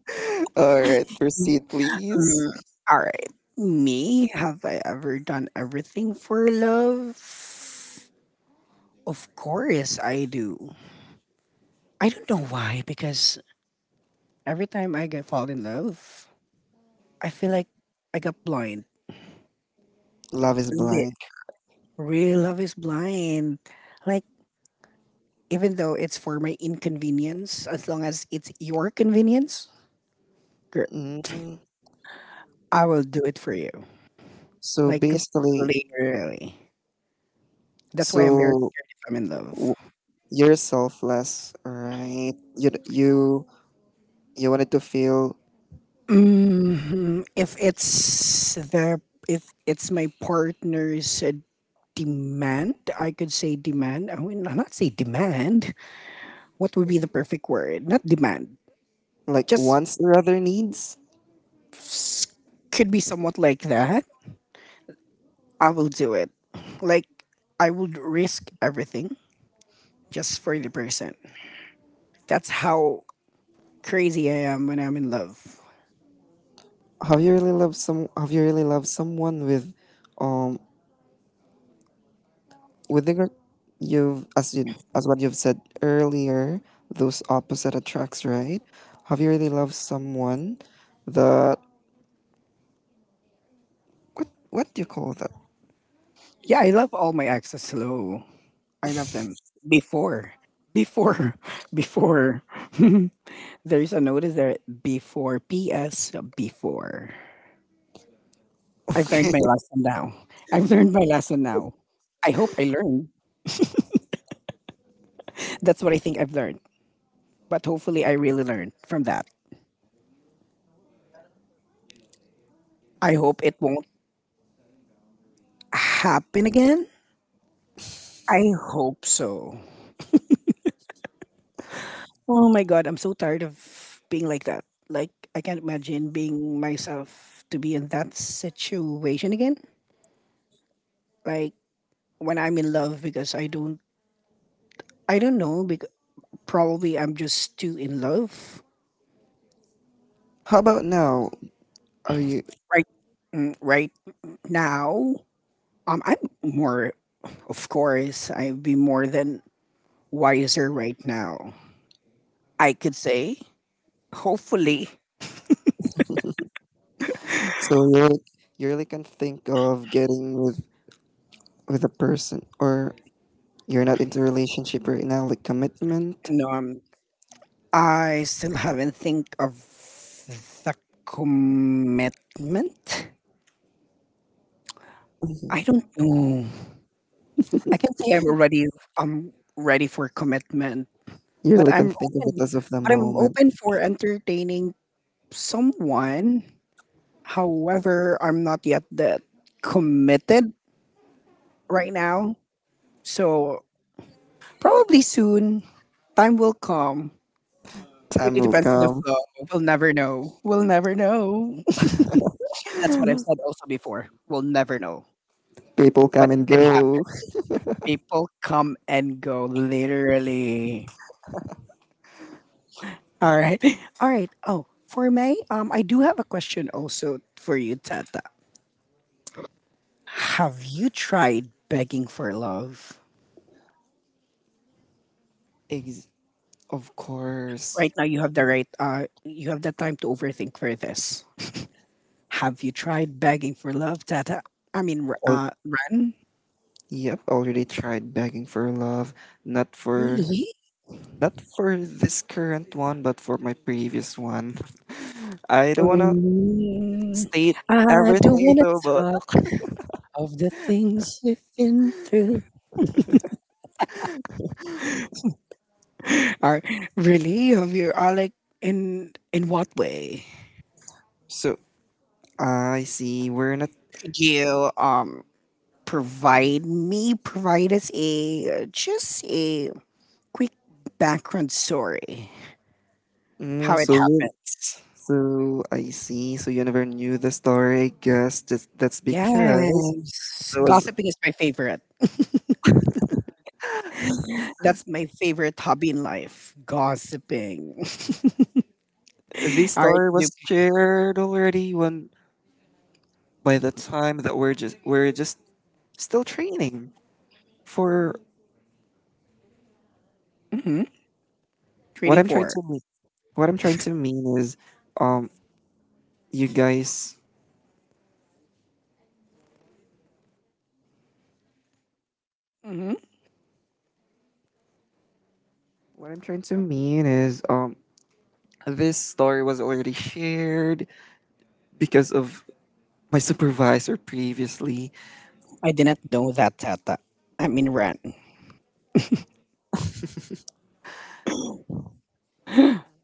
[SPEAKER 2] All right. Proceed, please.
[SPEAKER 1] Mm, all right. Me, have I ever done everything for love? Of course I do. I don't know why, because every time I get fall in love, I feel like I got blind.
[SPEAKER 2] Love is
[SPEAKER 1] Li-
[SPEAKER 2] blind.
[SPEAKER 1] Real love is blind. Like even though it's for my inconvenience, as long as it's your convenience, gr-
[SPEAKER 2] Mm,
[SPEAKER 1] I will do it for you.
[SPEAKER 2] so
[SPEAKER 1] Like literally.
[SPEAKER 2] basically,
[SPEAKER 1] That's why I'm very
[SPEAKER 2] so
[SPEAKER 1] scared if I'm in love.
[SPEAKER 2] w- you're selfless, all right? You d- you You wanted to feel
[SPEAKER 1] hmm If it's the if it's my partner's uh, demand, I could say demand. I would not say demand. What would be the perfect word? Not demand.
[SPEAKER 2] like
[SPEAKER 1] Just
[SPEAKER 2] wants or other needs.
[SPEAKER 1] s- could be somewhat like that. I will do it. Like I would risk everything just for the person. That's how crazy I am when I'm in love.
[SPEAKER 2] Have you really loved some? Have you really loved someone with, um, with the gr- you've as you as what you've said earlier, those opposite attracts, right? Have you really loved someone that what what do you call that?
[SPEAKER 1] Yeah, I love all my exes. Hello, I love them before, before, before. There's a notice there before. P S. Before. I've learned
[SPEAKER 2] Okay.
[SPEAKER 1] my lesson now. I've learned my lesson now. I hope I learned. That's what I think I've learned. But hopefully, I really learned from that. I hope it won't happen again. I hope so. Oh my god, I'm so tired of being like that. Like I can't imagine being myself to be in that situation again. Like when I'm in love because I don't I don't know because probably I'm just too in love
[SPEAKER 2] How about now? Are you
[SPEAKER 1] right mm, right now. Um I'm more of course I'd be more than wiser right now. I could say hopefully
[SPEAKER 2] so you really, you really can think of getting with with a person, or you're not into relationship right now, like commitment?
[SPEAKER 1] no, I'm I still haven't think of the commitment. I don't know. I can say I'm already I'm ready for commitment,
[SPEAKER 2] You
[SPEAKER 1] but
[SPEAKER 2] really can
[SPEAKER 1] I'm
[SPEAKER 2] think of
[SPEAKER 1] open,
[SPEAKER 2] it as of the
[SPEAKER 1] but I'm
[SPEAKER 2] moment.
[SPEAKER 1] open for entertaining someone. However, I'm not yet that committed right now. So probably soon, time will come.
[SPEAKER 2] Time
[SPEAKER 1] Really
[SPEAKER 2] will
[SPEAKER 1] depends on the
[SPEAKER 2] come.
[SPEAKER 1] flow. We'll never know. We'll never know. That's what I've said also before. We'll never know.
[SPEAKER 2] People
[SPEAKER 1] But
[SPEAKER 2] come
[SPEAKER 1] it
[SPEAKER 2] and
[SPEAKER 1] did happen.
[SPEAKER 2] go.
[SPEAKER 1] People come and go, literally. All right. All right. Oh, for May, um, I do have a question also for you, Tata. Have you tried begging for love?
[SPEAKER 2] Ex- of course.
[SPEAKER 1] Right now, you have the right. Uh, you have the time to overthink for this. Have you tried begging for love, Tata? I mean, r-
[SPEAKER 2] Al-
[SPEAKER 1] uh, Ran.
[SPEAKER 2] yep, already tried begging for love. Not for
[SPEAKER 1] Really?
[SPEAKER 2] not for this current one, but for my previous one. I don't wanna
[SPEAKER 1] Mm,
[SPEAKER 2] state
[SPEAKER 1] I don't
[SPEAKER 2] everything
[SPEAKER 1] want to
[SPEAKER 2] though, but
[SPEAKER 1] talk of the things we've been through. Are really? Have you are like in in what way?
[SPEAKER 2] so I see we're not.
[SPEAKER 1] Could you um provide me provide us a uh, just a quick background story
[SPEAKER 2] Mm,
[SPEAKER 1] how it
[SPEAKER 2] so you,
[SPEAKER 1] happens?
[SPEAKER 2] so I see. So you never knew the story. I guess that's that's because
[SPEAKER 1] Yes,
[SPEAKER 2] there was.
[SPEAKER 1] gossiping is my favorite. That's my favorite hobby in life. Gossiping.
[SPEAKER 2] This
[SPEAKER 1] All right,
[SPEAKER 2] story was shared already when, by the time that we're just we're just still training for.
[SPEAKER 1] mm-hmm.
[SPEAKER 2] What
[SPEAKER 1] Trading
[SPEAKER 2] I'm trying
[SPEAKER 1] for.
[SPEAKER 2] to mean, what I'm trying to mean is, um, you guys.
[SPEAKER 1] hmm
[SPEAKER 2] What I'm trying to mean is, um, this story was already shared because of my supervisor previously.
[SPEAKER 1] I did not know that, Tata. I mean, Ren.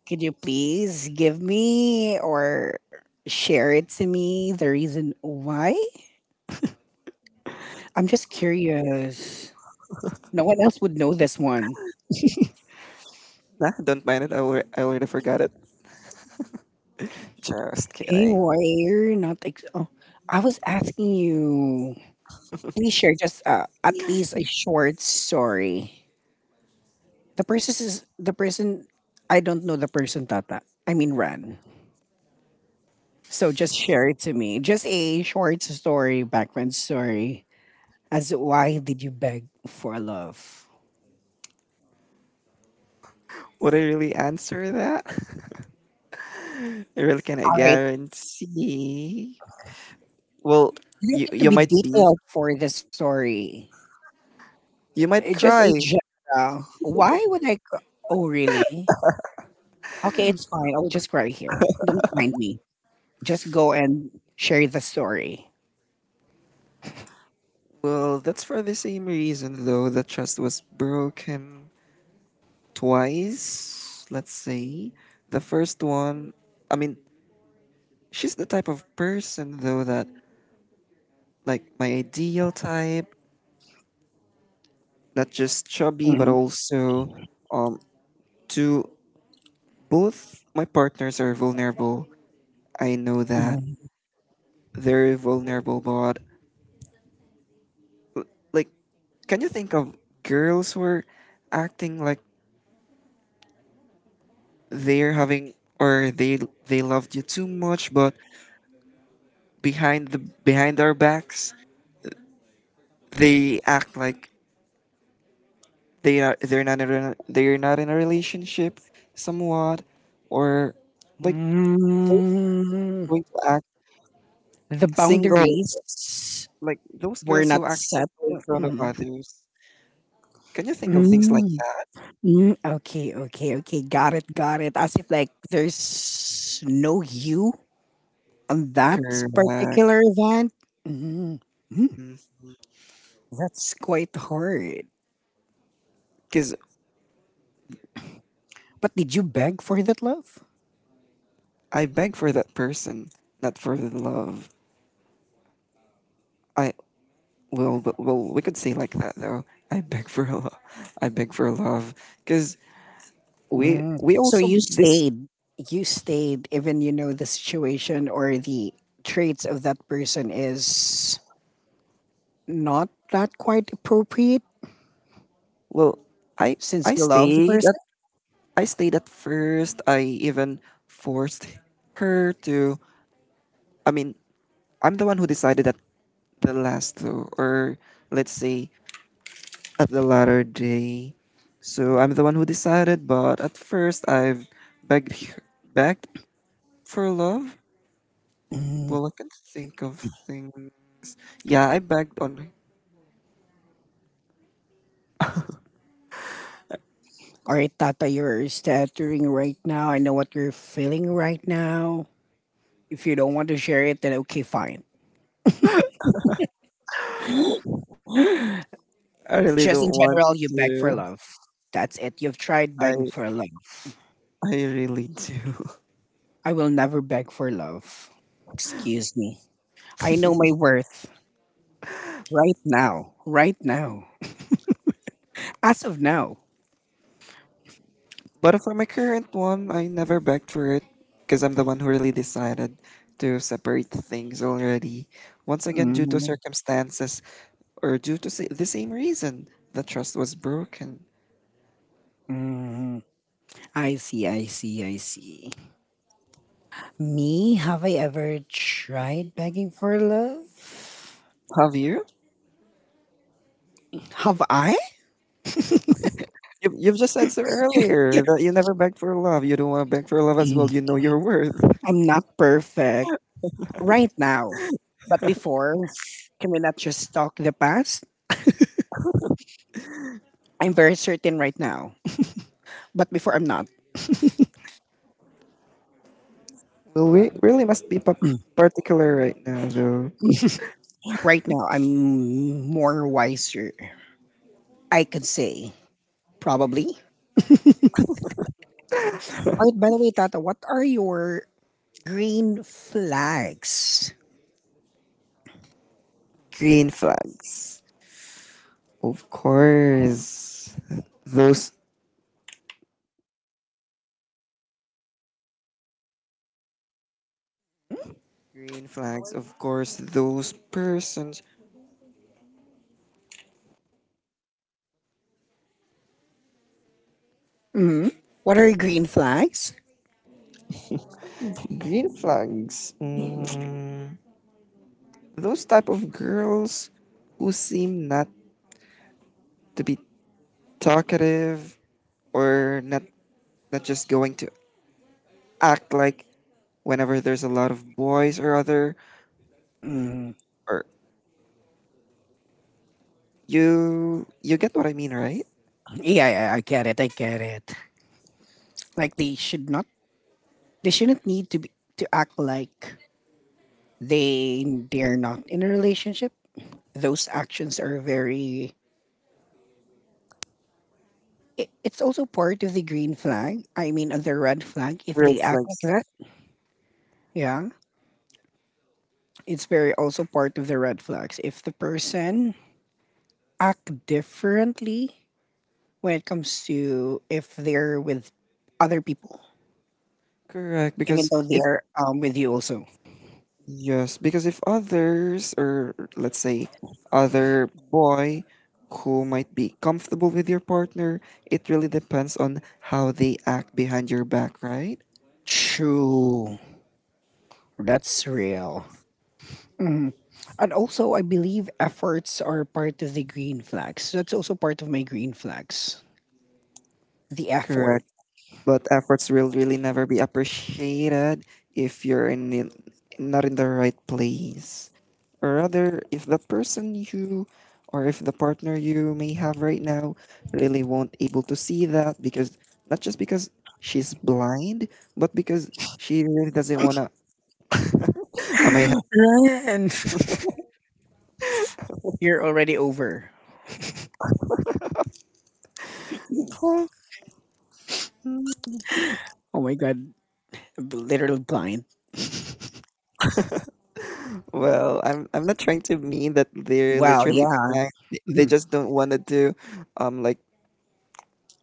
[SPEAKER 1] Could you please give me or share it to me the reason why? I'm just curious. No one else would know this one.
[SPEAKER 2] Nah, don't mind it. I already, I already forgot it. Just
[SPEAKER 1] Hey,
[SPEAKER 2] kidding.
[SPEAKER 1] why are you not? Ex- oh, I was asking you. Please share just uh, at least a short story. The person is the person. I don't know the person, Tata. I mean, Ran. So just share it to me. Just a short story, background story, as why did you beg for love?
[SPEAKER 2] Would I really answer that? I really cannot
[SPEAKER 1] All right,
[SPEAKER 2] guarantee. Well,
[SPEAKER 1] you don't
[SPEAKER 2] you
[SPEAKER 1] need to
[SPEAKER 2] you
[SPEAKER 1] be
[SPEAKER 2] might be
[SPEAKER 1] detailed for the story.
[SPEAKER 2] You
[SPEAKER 1] Eh,
[SPEAKER 2] might
[SPEAKER 1] just a
[SPEAKER 2] cry.
[SPEAKER 1] general. Why would I? c- Oh, really? Okay, it's fine. I'll just cry here. Don't mind me. Just go and share the story.
[SPEAKER 2] Well, that's for the same reason, though. The trust was broken twice, let's say. The first one, I mean, she's the type of person, though, that, like, my ideal type, not just chubby, but
[SPEAKER 1] Mhm.
[SPEAKER 2] also, um, to both my partners are vulnerable. I know that.
[SPEAKER 1] Mhm.
[SPEAKER 2] They're vulnerable, but, like, can you think of girls who are acting like they're having, or they they loved you too much, but behind the, behind our backs they act like they are they're not in a, they're not in a relationship somewhat, or like they're
[SPEAKER 1] Mm.
[SPEAKER 2] going to act
[SPEAKER 1] The
[SPEAKER 2] single,
[SPEAKER 1] boundaries
[SPEAKER 2] like those
[SPEAKER 1] were
[SPEAKER 2] girls who
[SPEAKER 1] not
[SPEAKER 2] act
[SPEAKER 1] set.
[SPEAKER 2] single in front of
[SPEAKER 1] Mm,
[SPEAKER 2] others? Can you think of things like
[SPEAKER 1] mm,
[SPEAKER 2] that?
[SPEAKER 1] mm, okay, okay, okay. Got it, got it. As if like there's no you on that
[SPEAKER 2] Correct.
[SPEAKER 1] particular event. Mm. That's quite hard.
[SPEAKER 2] Because
[SPEAKER 1] But did you beg for that love?
[SPEAKER 2] I beg for that person, not for the love. I well, but- well, we could say like that though. I beg for a love. I beg for a love because we
[SPEAKER 1] Mm.
[SPEAKER 2] we
[SPEAKER 1] So
[SPEAKER 2] also
[SPEAKER 1] you
[SPEAKER 2] this
[SPEAKER 1] stayed. You stayed, even you know the situation or the traits of that person is not that quite appropriate
[SPEAKER 2] well. I
[SPEAKER 1] since
[SPEAKER 2] I
[SPEAKER 1] you love the
[SPEAKER 2] stayed at
[SPEAKER 1] person.
[SPEAKER 2] I stayed at first. I even forced her to. I mean, I'm the one who decided at the last though, or let's say at the latter day. So I'm the one who decided, but at first I've begged begged for love.
[SPEAKER 1] Mm.
[SPEAKER 2] Well, I can think of things. Yeah, I begged on.
[SPEAKER 1] All right, Tata, you're stuttering right now. I know what you're feeling right now. If you don't want to share it, then okay, fine.
[SPEAKER 2] I really
[SPEAKER 1] Just in
[SPEAKER 2] don't want
[SPEAKER 1] general, you beg for
[SPEAKER 2] to.
[SPEAKER 1] love. That's it. You've tried
[SPEAKER 2] I
[SPEAKER 1] begging for love.
[SPEAKER 2] I really do.
[SPEAKER 1] I will never beg for love. Excuse me. I know my worth right now. Right now. As of now.
[SPEAKER 2] But for my current one, I never begged for it because I'm the one who really decided to separate things already. Once again, due to
[SPEAKER 1] Mm,
[SPEAKER 2] circumstances, or due to sa- the same reason, the trust was broken.
[SPEAKER 1] mhm. I see, I see, I see. Me? Have I ever tried begging for love?
[SPEAKER 2] Have you?
[SPEAKER 1] Have I?
[SPEAKER 2] You've, you've just said so earlier that you never beg for love. You don't want to beg for love as well.
[SPEAKER 1] Mm.
[SPEAKER 2] You know your worth.
[SPEAKER 1] I'm not perfect right now. But before, can we not just talk the past? I'm very certain right now. But before, I'm not.
[SPEAKER 2] Well, we really must be pa-
[SPEAKER 1] Mm.
[SPEAKER 2] particular right now, though.
[SPEAKER 1] Right now, I'm more wiser. I could say, probably. Alright, by the way, Tata, what are your green flags?
[SPEAKER 2] Green flags. Of course. Those green flags, of course, those persons.
[SPEAKER 1] hmm What are your green flags?
[SPEAKER 2] Green flags. Mm, those type of girls who seem not to be talkative, or not, not just going to act like whenever there's a lot of boys or other,
[SPEAKER 1] Mm.
[SPEAKER 2] or you you get what I mean, right?
[SPEAKER 1] Yeah, yeah, I get it. I get it. Like they should not, they shouldn't need to be, to act like they they're not in a relationship. Those actions are very. It, it's also part of the green flag. I mean, of the red flag if
[SPEAKER 2] Red
[SPEAKER 1] they act like
[SPEAKER 2] flags.
[SPEAKER 1] that. Yeah. It's very also part of the red flags. If the person act differently when it comes to if they're with other people,
[SPEAKER 2] Correct,
[SPEAKER 1] even
[SPEAKER 2] because
[SPEAKER 1] though
[SPEAKER 2] if
[SPEAKER 1] they're um, with you also.
[SPEAKER 2] yes, because if others, or let's say other boy, who might be comfortable with your partner, it really depends on how they act behind your back, right?
[SPEAKER 1] True. That's real. Mhm. And also, I believe efforts are part of the green flags. That's also part of my green flags. The effort.
[SPEAKER 2] Correct. But efforts will really never be appreciated if you're in, in not in the right place, or rather if the person you or if the partner you may have right now really won't able to see that, because not just because she's blind, but because she really doesn't want to. Am I?
[SPEAKER 1] Run. You're already over.
[SPEAKER 2] Huh? Hmm.
[SPEAKER 1] Oh my god, I literally blind.
[SPEAKER 2] Well, i'm i'm not trying to mean that they're
[SPEAKER 1] Wow,
[SPEAKER 2] literally
[SPEAKER 1] yeah.
[SPEAKER 2] blind. They they
[SPEAKER 1] Mhm.
[SPEAKER 2] just don't want to do, um like,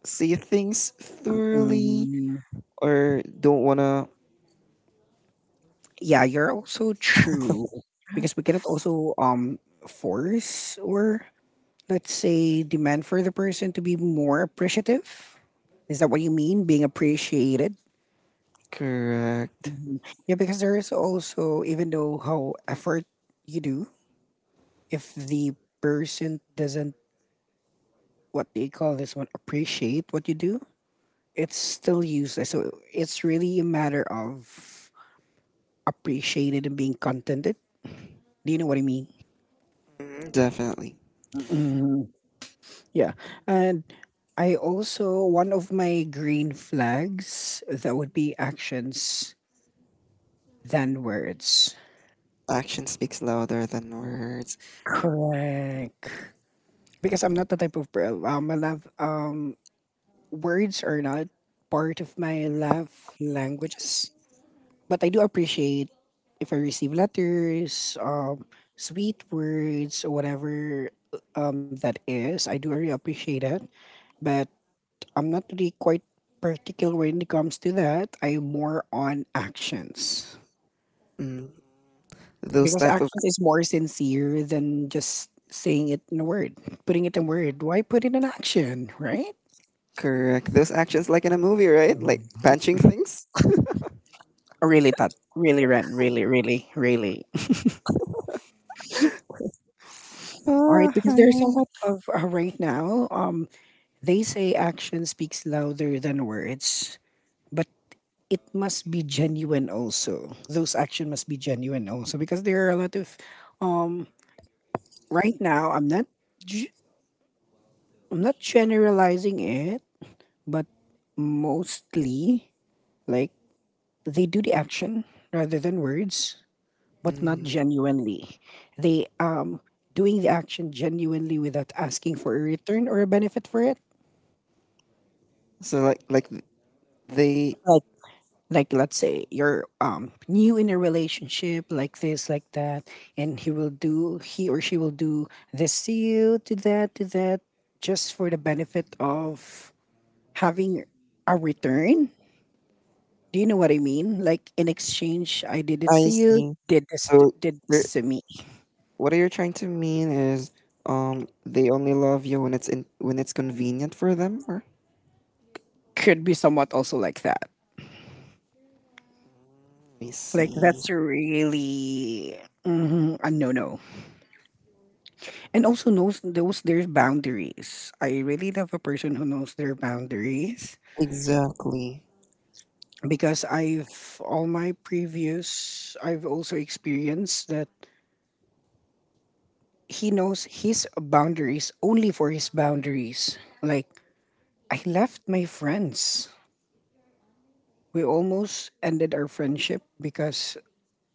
[SPEAKER 2] see things thoroughly,
[SPEAKER 1] Um,
[SPEAKER 2] or don't want to.
[SPEAKER 1] yeah, you're also true because we cannot also um force or let's say demand for the person to be more appreciative. Is that what you mean? Being appreciated?
[SPEAKER 2] Correct.
[SPEAKER 1] Mhm. Yeah, because there is also even though how effort you do, if the person doesn't what they call this one appreciate what you do, it's still useless. So it's really a matter of appreciated and being contented. Do you know what I mean?
[SPEAKER 2] Mm, definitely.
[SPEAKER 1] Yeah. And I also, one of my green flags, that would be actions than words.
[SPEAKER 2] Action speaks louder than words.
[SPEAKER 1] Correct. Because I'm not the type of per- um, I love, um, words are not part of my love languages. But I do appreciate if I receive letters, um, sweet words, or whatever um, that is. I do really appreciate it. But I'm not really quite particular when it comes to that. I'm more on actions
[SPEAKER 2] Mm, those
[SPEAKER 1] because
[SPEAKER 2] type of
[SPEAKER 1] actions is more sincere than just saying it in a word, putting it in word. Why put it in action, right?
[SPEAKER 2] correct, those actions, like in a movie, right, like punching things.
[SPEAKER 1] Oh, really, that really, Ren, really, really, really. All
[SPEAKER 2] Ah,
[SPEAKER 1] right,
[SPEAKER 2] hi.
[SPEAKER 1] because there's a lot of uh, right now. Um, they say action speaks louder than words, but it must be genuine also. Those action must be genuine also because there are a lot of um right now, I'm not ge- I'm not generalizing it, but mostly like they do the action rather than words, but not
[SPEAKER 2] Mhm.
[SPEAKER 1] genuinely. They um doing the action genuinely without asking for a return or a benefit for it.
[SPEAKER 2] So like like th- they.
[SPEAKER 1] Like like let's say you're um new in a relationship like this like that and he will do he or she will do this to you to that to that just for the benefit of having a return. Do you know what I mean? Like in exchange, I did it
[SPEAKER 2] I
[SPEAKER 1] to you,
[SPEAKER 2] see.
[SPEAKER 1] did this
[SPEAKER 2] So
[SPEAKER 1] t- did
[SPEAKER 2] you're-
[SPEAKER 1] this to me.
[SPEAKER 2] what you're trying to mean is, um they only love you when it's in when it's convenient for them, or
[SPEAKER 1] Could be somewhat also like that.
[SPEAKER 2] I
[SPEAKER 1] Like
[SPEAKER 2] see,
[SPEAKER 1] that's really mhm, a no no. And also knows those their boundaries. I really love a person who knows their boundaries
[SPEAKER 2] exactly.
[SPEAKER 1] because I've all my previous I've also experienced that he knows his boundaries only for his boundaries. Like I left my friends. We almost ended our friendship because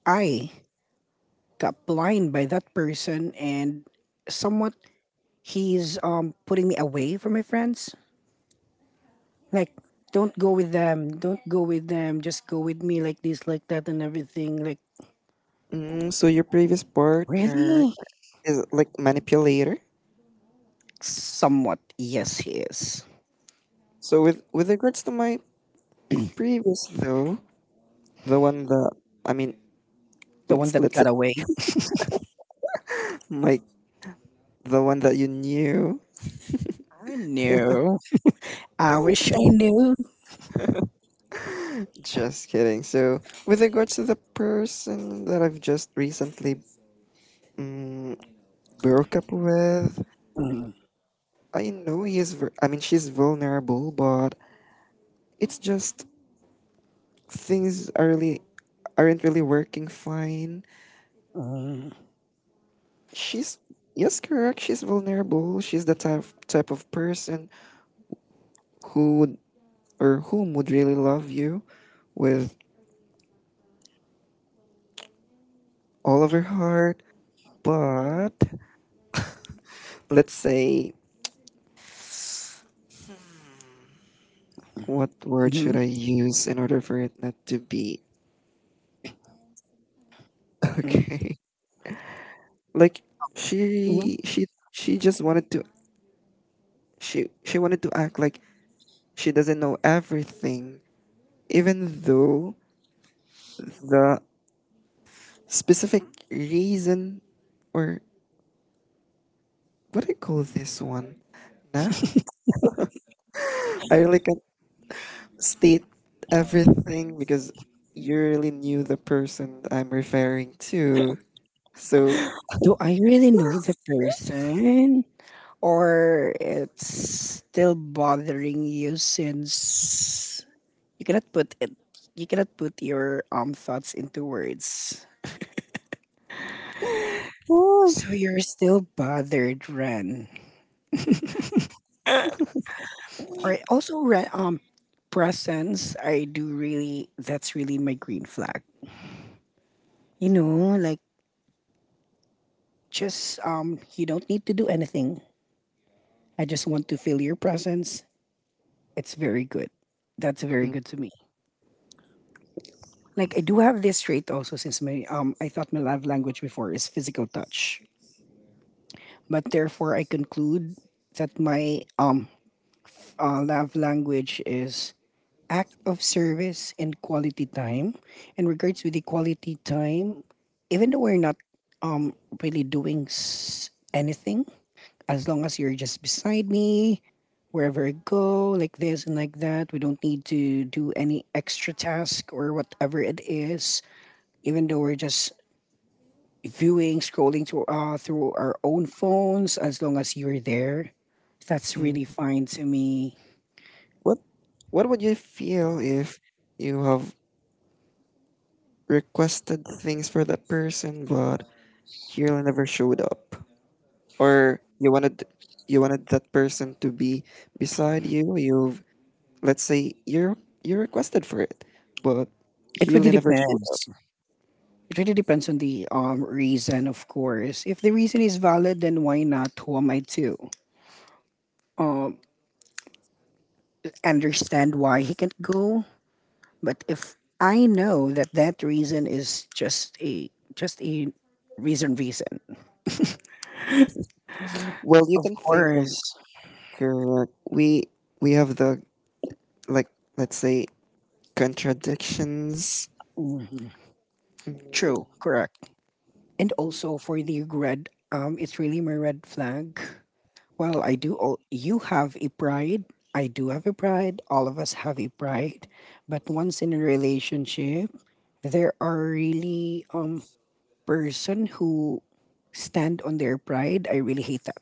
[SPEAKER 1] I got blind by that person and somewhat he's um putting me away from my friends. Like don't go with them, don't go with them, just go with me like this, like that and everything. Like
[SPEAKER 2] Mm, so your previous partner
[SPEAKER 1] really?
[SPEAKER 2] is like manipulator.
[SPEAKER 1] Somewhat, yes he is.
[SPEAKER 2] So with with regards to my previous though, the one that I mean.
[SPEAKER 1] The one
[SPEAKER 2] let's
[SPEAKER 1] that
[SPEAKER 2] let's say,
[SPEAKER 1] got away.
[SPEAKER 2] my the one that you knew.
[SPEAKER 1] I knew. I wish I knew.
[SPEAKER 2] Just kidding. So, with regards to the person that I've just recently, mm, broke up with,
[SPEAKER 1] Mm,
[SPEAKER 2] I know he is. Ver- I mean, she's vulnerable, but it's just things are really aren't really working fine.
[SPEAKER 1] mm,
[SPEAKER 2] She's Yes, correct. She's vulnerable. She's the type type of person who would, or whom would, really love you with all of her heart. But let's say, what word should
[SPEAKER 1] mhm,
[SPEAKER 2] I use in order for it not to be
[SPEAKER 1] mm,
[SPEAKER 2] okay? Like
[SPEAKER 1] mm.
[SPEAKER 2] she she she just wanted to she she wanted to act like she doesn't know everything, even though the specific reason, or what do you call this one? Nah, I really can't state everything because you really knew the person I'm referring to. So.
[SPEAKER 1] Do I really know the person? Or it's still bothering you since you cannot put it you cannot put your um thoughts into words so you're still bothered ren or also ren um presence I do really that's really my green flag you know like just um you don't need to do anything I just want to feel your presence it's very good that's very good to me. Like I do have this trait also since my um I thought my love language before is physical touch. But therefore I conclude that my um uh, love language is act of service and quality time. In regards to the quality time, even though we're not um really doing s- anything, as long as you're just beside me, wherever I go, like this and like that. We don't need to do any extra task or whatever it is, even though we're just viewing, scrolling to, uh, through our own phones, as long as you're there, that's
[SPEAKER 2] Mm,
[SPEAKER 1] really fine to me.
[SPEAKER 2] What what would you feel if you have requested things for that person but he really never showed up? Or you wanted you wanted that person to be beside you. You've let's say, you're you requested for it, but
[SPEAKER 1] It
[SPEAKER 2] he
[SPEAKER 1] really
[SPEAKER 2] really never showed up.
[SPEAKER 1] depends. It really depends on the um reason, of course. If the reason is valid, then why not? Who am I to um understand why he can't go? But if I know that that reason is just a just a reason reason,
[SPEAKER 2] Well, you
[SPEAKER 1] of
[SPEAKER 2] can think of
[SPEAKER 1] course.
[SPEAKER 2] correct we we have the, like, let's say, contradictions.
[SPEAKER 1] Mhm. True, correct. And also for the red, um, it's really my red flag. Well, I do all you have a pride. I do have a pride. All of us have a pride. But once in a relationship, there are really um person who stand on their pride. I really hate that.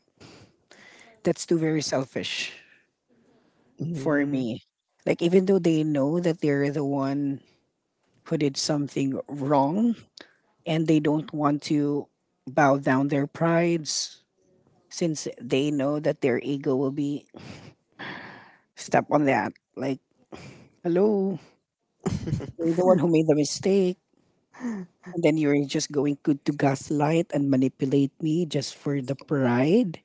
[SPEAKER 1] That's too very selfish for
[SPEAKER 2] Mhm.
[SPEAKER 1] me. Like even though they know that they're the one who did something wrong and they don't want to bow down their prides since they know that their ego will be step on that. Like, hello, you're the one who made the mistake. And then you're just going good to gaslight and manipulate me just for the pride.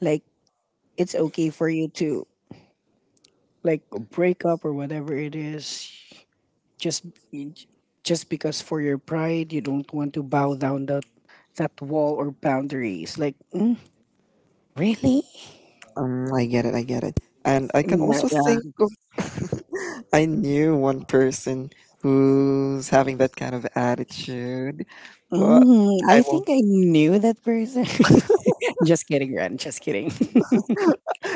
[SPEAKER 1] Like, it's okay for you to, like, break up or whatever it is. Just just because for your pride, you don't want to bow down that, that wall or boundaries. Like, mm, really?
[SPEAKER 2] Um, I get it, I get it. And I can
[SPEAKER 1] Yeah,
[SPEAKER 2] also think
[SPEAKER 1] yeah.
[SPEAKER 2] of I knew one person who's having that kind of attitude, but
[SPEAKER 1] Mm,
[SPEAKER 2] I
[SPEAKER 1] I
[SPEAKER 2] won't.
[SPEAKER 1] think I knew that person. Just kidding, Ren. Just kidding.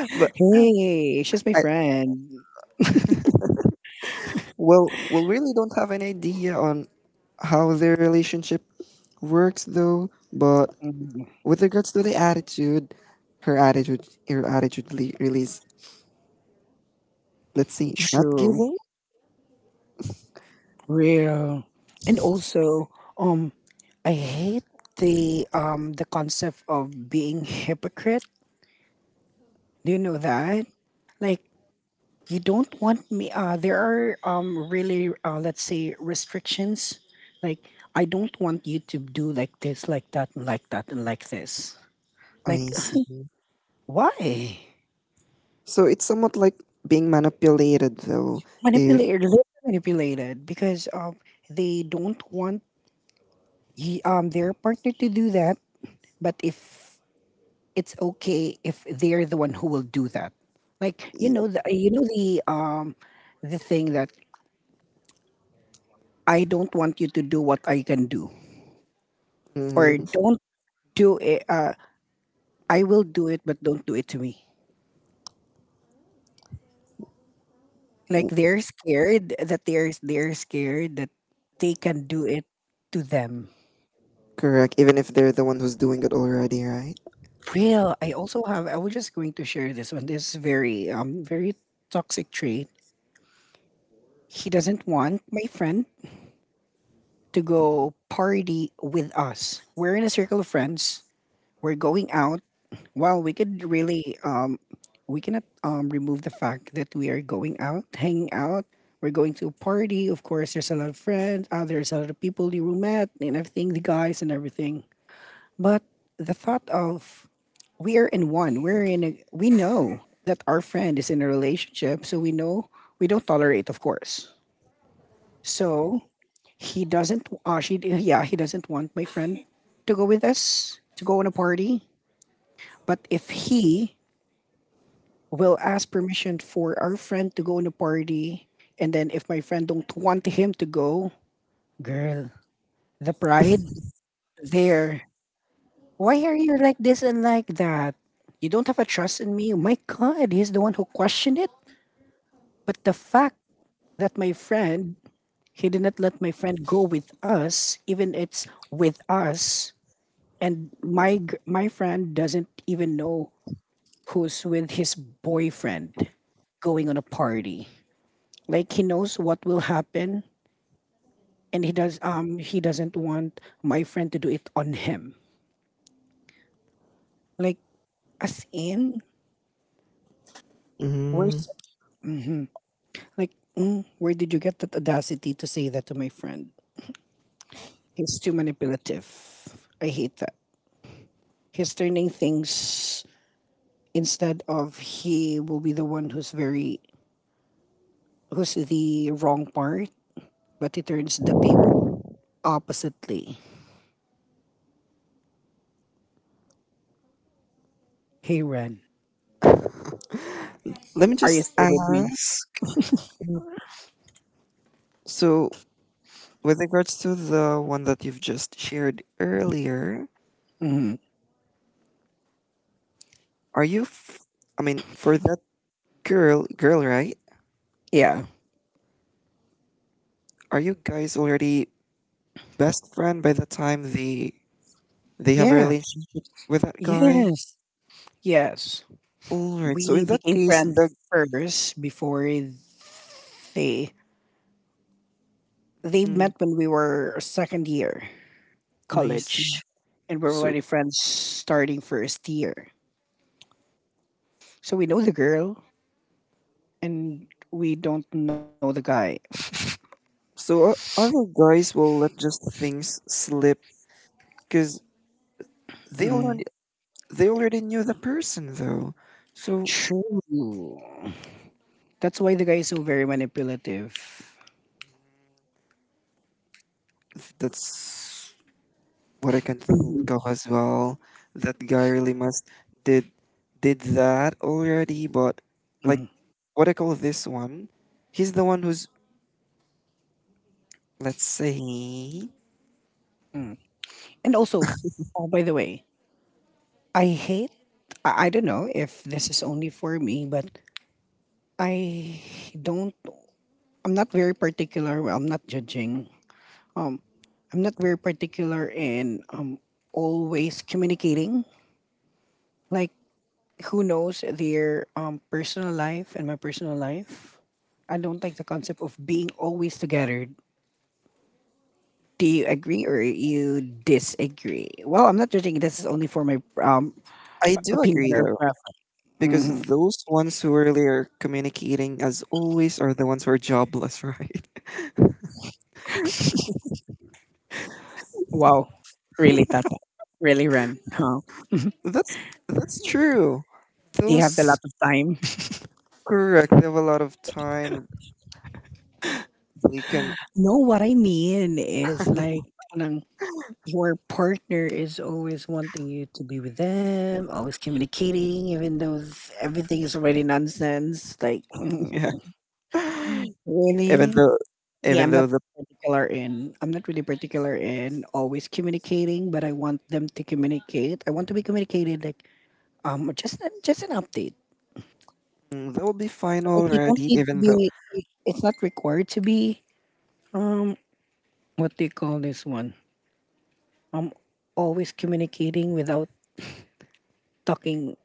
[SPEAKER 2] But
[SPEAKER 1] Hey, she's my
[SPEAKER 2] I,
[SPEAKER 1] friend.
[SPEAKER 2] well, well, really don't have an idea on how their relationship works, though. But
[SPEAKER 1] Mm-hmm.
[SPEAKER 2] with regards to the attitude, her attitude, her attitude le- release. Let's see, not
[SPEAKER 1] True,
[SPEAKER 2] giving.
[SPEAKER 1] real, and also, um, I hate the um the concept of being hypocrite. Do you know that? Like, you don't want me. Uh, there are um really uh let's say restrictions. Like, I don't want you to do like this, like that, and like that, and like this. Like,
[SPEAKER 2] I see.
[SPEAKER 1] why?
[SPEAKER 2] So it's somewhat like being manipulated, though. If
[SPEAKER 1] Manipulated, really manipulated because um they don't want y- um their partner to do that. But if it's okay if they're the one who will do that. Like you
[SPEAKER 2] yep.
[SPEAKER 1] know the you know the um the thing that I don't want you to do what I can do or
[SPEAKER 2] Mhm.
[SPEAKER 1] don't do it. Uh, I will do it, but don't do it to me. Like they're scared that they're they're scared that they can do it to them.
[SPEAKER 2] Correct, even if they're the one who's doing it already, right?
[SPEAKER 1] Real. I also have. I was just going to share this one. This is very um very toxic trait. He doesn't want my friend to go party with us. We're in a circle of friends. We're going out. Well, we could really um we cannot um remove the fact that we are going out, hanging out. We're going to a party. Of course, there's a lot of friends. Uh, there's a lot of people you met and everything, the guys and everything. But the thought of we are in one. We're in a, we know that our friend is in a relationship, so we know we don't tolerate, of course. So he doesn't. Uh, she. Yeah, he doesn't want my friend to go with us to go on a party. But if he will ask permission for our friend to go on a party, and then if my friend don't want him to go, girl, the pride there. Why are you like this and like that? You don't have a trust in me. Oh, my God, he's the one who questioned it. But the fact that my friend, he did not let my friend go with us, even it's with us, and my g- my friend doesn't even know who's with his boyfriend going on a party. Like he knows what will happen, and he does um he doesn't want my friend to do it on him. Like, as in,
[SPEAKER 2] Mm.
[SPEAKER 1] where's, like, mm, where did you get that audacity to say that to my friend? He's too manipulative. I hate that. He's turning things instead of he will be the one who's very who's the wrong part, but he turns the oppositely. Hey, Ren,
[SPEAKER 2] Let me
[SPEAKER 1] are you
[SPEAKER 2] just
[SPEAKER 1] still with me?
[SPEAKER 2] ask. So, with regards to the one that you've just shared earlier,
[SPEAKER 1] Hmm.
[SPEAKER 2] are you, f- I mean, for that girl, girl, right?
[SPEAKER 1] Yeah. Mhm.
[SPEAKER 2] Are you guys already best friend by the time they they have a
[SPEAKER 1] Yeah.
[SPEAKER 2] relationship with that guy?
[SPEAKER 1] Yes. Yes.
[SPEAKER 2] All right. So in
[SPEAKER 1] We
[SPEAKER 2] that
[SPEAKER 1] became
[SPEAKER 2] case,
[SPEAKER 1] friends
[SPEAKER 2] the
[SPEAKER 1] first before they they
[SPEAKER 2] mm,
[SPEAKER 1] met when we were second year
[SPEAKER 2] I
[SPEAKER 1] college,
[SPEAKER 2] see.
[SPEAKER 1] and we were
[SPEAKER 2] So
[SPEAKER 1] already friends starting first year. So we know the girl, and we don't know the guy.
[SPEAKER 2] so o- other guys will let just things slip because they
[SPEAKER 1] Mm,
[SPEAKER 2] already They already knew the person though. So
[SPEAKER 1] True. That's why the guy is so very manipulative.
[SPEAKER 2] that's what I can
[SPEAKER 1] Mhm.
[SPEAKER 2] think of as well. That guy really must did did that already, but, like, what I call this one, he's the one who's, let's say,
[SPEAKER 1] Mhm. And also, oh, by the way, I hate, I, I don't know if this is only for me, but I don't, I'm not very particular. Well, I'm not judging. I'm not very particular in um, always communicating. Like, who knows their um, personal life and my personal life? I don't like the concept of being always together. Do you agree or you disagree? Well, I'm not judging. This is only for my um,
[SPEAKER 2] I do
[SPEAKER 1] opinion
[SPEAKER 2] agree
[SPEAKER 1] or
[SPEAKER 2] though.
[SPEAKER 1] preference. Mm-hmm.
[SPEAKER 2] Because those ones who really are communicating as always are the ones who are jobless, right?
[SPEAKER 1] Wow, really, Tata. Really, Ren. Huh?
[SPEAKER 2] That's that's true.
[SPEAKER 1] You have a lot
[SPEAKER 2] Those
[SPEAKER 1] of time.
[SPEAKER 2] correct. They have a lot of time. They can
[SPEAKER 1] No, what I mean is like parang your partner is always wanting you to be with them, always communicating, even though s- everything is already nonsense. Like,
[SPEAKER 2] yeah.
[SPEAKER 1] mm,
[SPEAKER 2] even
[SPEAKER 1] really?
[SPEAKER 2] though
[SPEAKER 1] Yeah,
[SPEAKER 2] even
[SPEAKER 1] I'm not
[SPEAKER 2] though the
[SPEAKER 1] particular in. I'm not really particular in always communicating, but I want them to communicate. I want to be communicated. Like, um, just just an update.
[SPEAKER 2] mm, that would be fine
[SPEAKER 1] Like, you don't
[SPEAKER 2] already
[SPEAKER 1] need to
[SPEAKER 2] even though
[SPEAKER 1] be. It's not required to be. um what do you call this one? I'm always communicating without talking.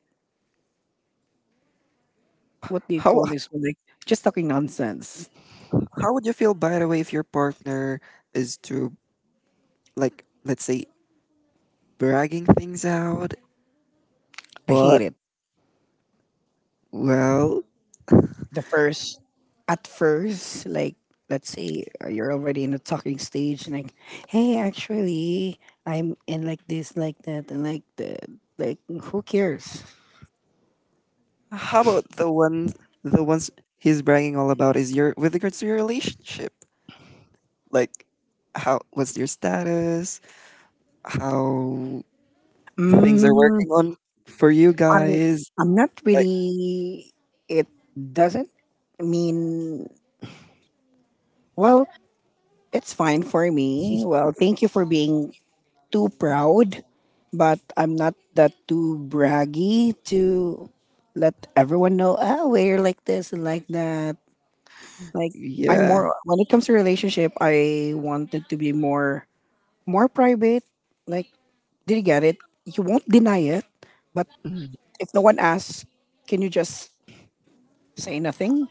[SPEAKER 1] What do you
[SPEAKER 2] how
[SPEAKER 1] call this one? Like, just talking nonsense.
[SPEAKER 2] how would you feel, by the way, if your partner is to, like, let's say, bragging things out,
[SPEAKER 1] I hate
[SPEAKER 2] but,
[SPEAKER 1] it.
[SPEAKER 2] well,
[SPEAKER 1] The first At first, like, let's say, uh, you're already in the talking stage, and like, hey, actually, I'm in like this, like that, and like that. Like, who cares?
[SPEAKER 2] how about the ones the ones he's bragging all about is your with regards to your relationship, like, how what's your status, how things are
[SPEAKER 1] mm,
[SPEAKER 2] working on for you
[SPEAKER 1] I'm,
[SPEAKER 2] guys,
[SPEAKER 1] I'm not
[SPEAKER 2] like,
[SPEAKER 1] really, it doesn't mean, well, it's fine for me. Well, thank you for being too proud, but I'm not that too braggy to let everyone know, oh, we're like this and like that. Like, I'm
[SPEAKER 2] yeah,
[SPEAKER 1] more when it comes to relationship, I wanted to be more more private. Like, did you get it? You won't deny it, but if no one asks, can you just say nothing?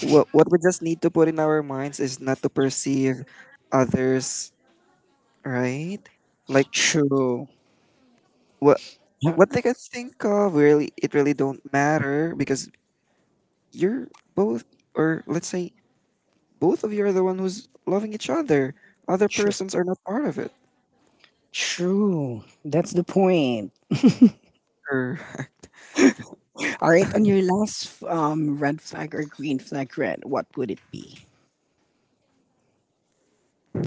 [SPEAKER 2] what what we just need to put in our minds is not to perceive others, right? Like,
[SPEAKER 1] True.
[SPEAKER 2] what
[SPEAKER 1] Yeah,
[SPEAKER 2] what they can think of really, it really don't matter, because you're both, or let's say both of you are the one who's loving each other, other
[SPEAKER 1] true.
[SPEAKER 2] persons are not part of it.
[SPEAKER 1] True. That's the point.
[SPEAKER 2] Or
[SPEAKER 1] All right, on your last um, red flag or green flag, red, what would it be?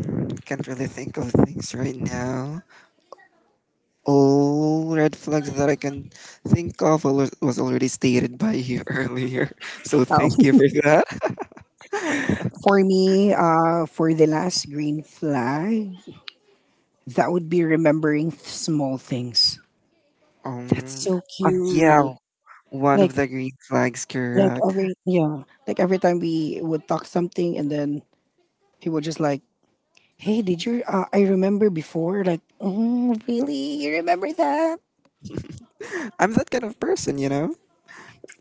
[SPEAKER 2] can't really think of things right now. All red flags that I can think of al- was already stated by you earlier, so
[SPEAKER 1] Oh,
[SPEAKER 2] thank you for that.
[SPEAKER 1] for me, uh, for the last green flag, that would be remembering th- small things. That's
[SPEAKER 2] um
[SPEAKER 1] so
[SPEAKER 2] uh, yeah.
[SPEAKER 1] cute.
[SPEAKER 2] One
[SPEAKER 1] Like,
[SPEAKER 2] of the green flags,
[SPEAKER 1] like
[SPEAKER 2] correct.
[SPEAKER 1] every yeah, like every time we would talk something, and then he would just like, "Hey, did you? Uh, I remember before. Like, oh, really? You remember that?
[SPEAKER 2] I'm that kind of person, you know?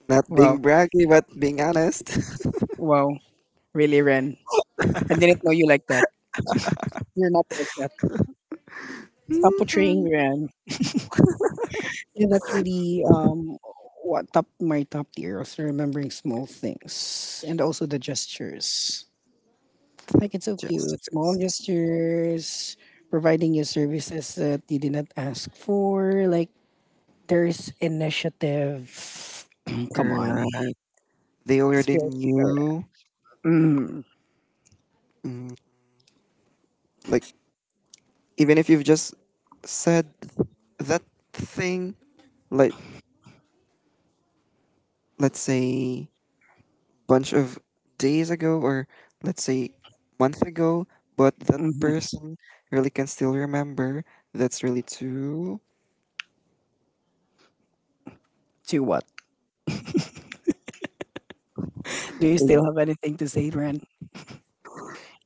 [SPEAKER 2] Not
[SPEAKER 1] Wow,
[SPEAKER 2] being braggy, but being honest.
[SPEAKER 1] wow, really, Ren? I didn't know you like that. You're not like that. Stop portraying
[SPEAKER 2] Mhm.
[SPEAKER 1] Ren. Yeah, that's really um what top my top tier was remembering small things and also the gestures.
[SPEAKER 2] Like,
[SPEAKER 1] Like, it's so cute. Small
[SPEAKER 2] gestures.
[SPEAKER 1] gestures, providing you services that you did not ask for. Like, there's initiative. Come on.
[SPEAKER 2] Correct. They
[SPEAKER 1] It's
[SPEAKER 2] already
[SPEAKER 1] very important.
[SPEAKER 2] knew.
[SPEAKER 1] Mm,
[SPEAKER 2] Mm, like, even if you've just said that thing, like, let's say, bunch of days ago, or let's say, month ago, but that
[SPEAKER 1] hmm.
[SPEAKER 2] person really can still remember, that's really too
[SPEAKER 1] To what? Do you still have anything to say, Ren?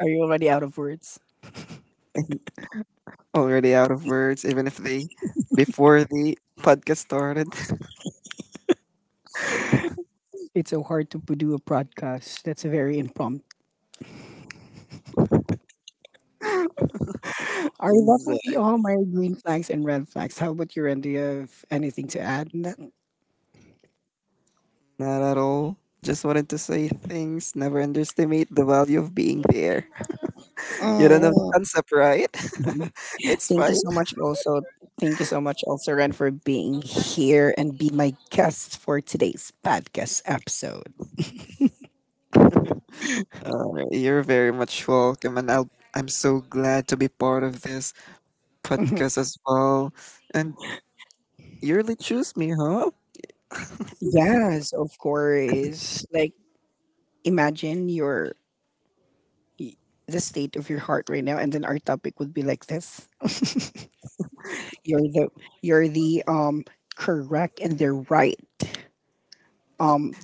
[SPEAKER 1] Are you already out of words?
[SPEAKER 2] already out of words, even if they before the podcast started.
[SPEAKER 1] It's so hard to p- do a podcast. That's a very impromptu. All right, that
[SPEAKER 2] Is, uh,
[SPEAKER 1] will be all my green flags and red flags. How about you, Ren? Do you have anything to add on that?
[SPEAKER 2] not at all. Just wanted to say things. Never underestimate the value of being there. You don't know the
[SPEAKER 1] Uh,
[SPEAKER 2] concept, right? It's
[SPEAKER 1] thank you
[SPEAKER 2] fine.
[SPEAKER 1] so much, also. Thank you so much, also, Ren, for being here and be my guest for today's podcast episode.
[SPEAKER 2] Uh, you're very much welcome, and I'll, I'm so glad to be part of this
[SPEAKER 1] Mhm.
[SPEAKER 2] podcast as well. And you really choose me, huh?
[SPEAKER 1] Yes, of course. Like, imagine your y- the state of your heart right now, and then our topic would be like this: you're the you're the um correct, and they're right. Um,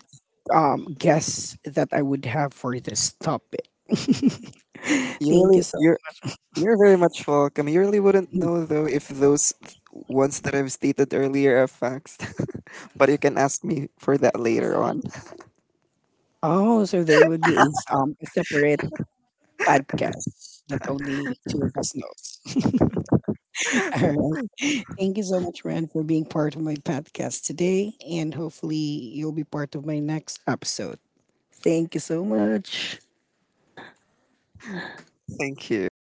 [SPEAKER 1] um, guess that I would have for this topic.
[SPEAKER 2] You
[SPEAKER 1] Thank
[SPEAKER 2] really,
[SPEAKER 1] you so
[SPEAKER 2] you're you're very much welcome. You really wouldn't
[SPEAKER 1] much.
[SPEAKER 2] know though if those ones that I've stated earlier are facts. But you can ask me for that later on.
[SPEAKER 1] Oh, so there would be a, s- um, a separate podcast that only two of us knows. All right. Thank you so much, Ren, for being part of my podcast today. And hopefully you'll be part of my next episode. Thank you so much.
[SPEAKER 2] Thank you.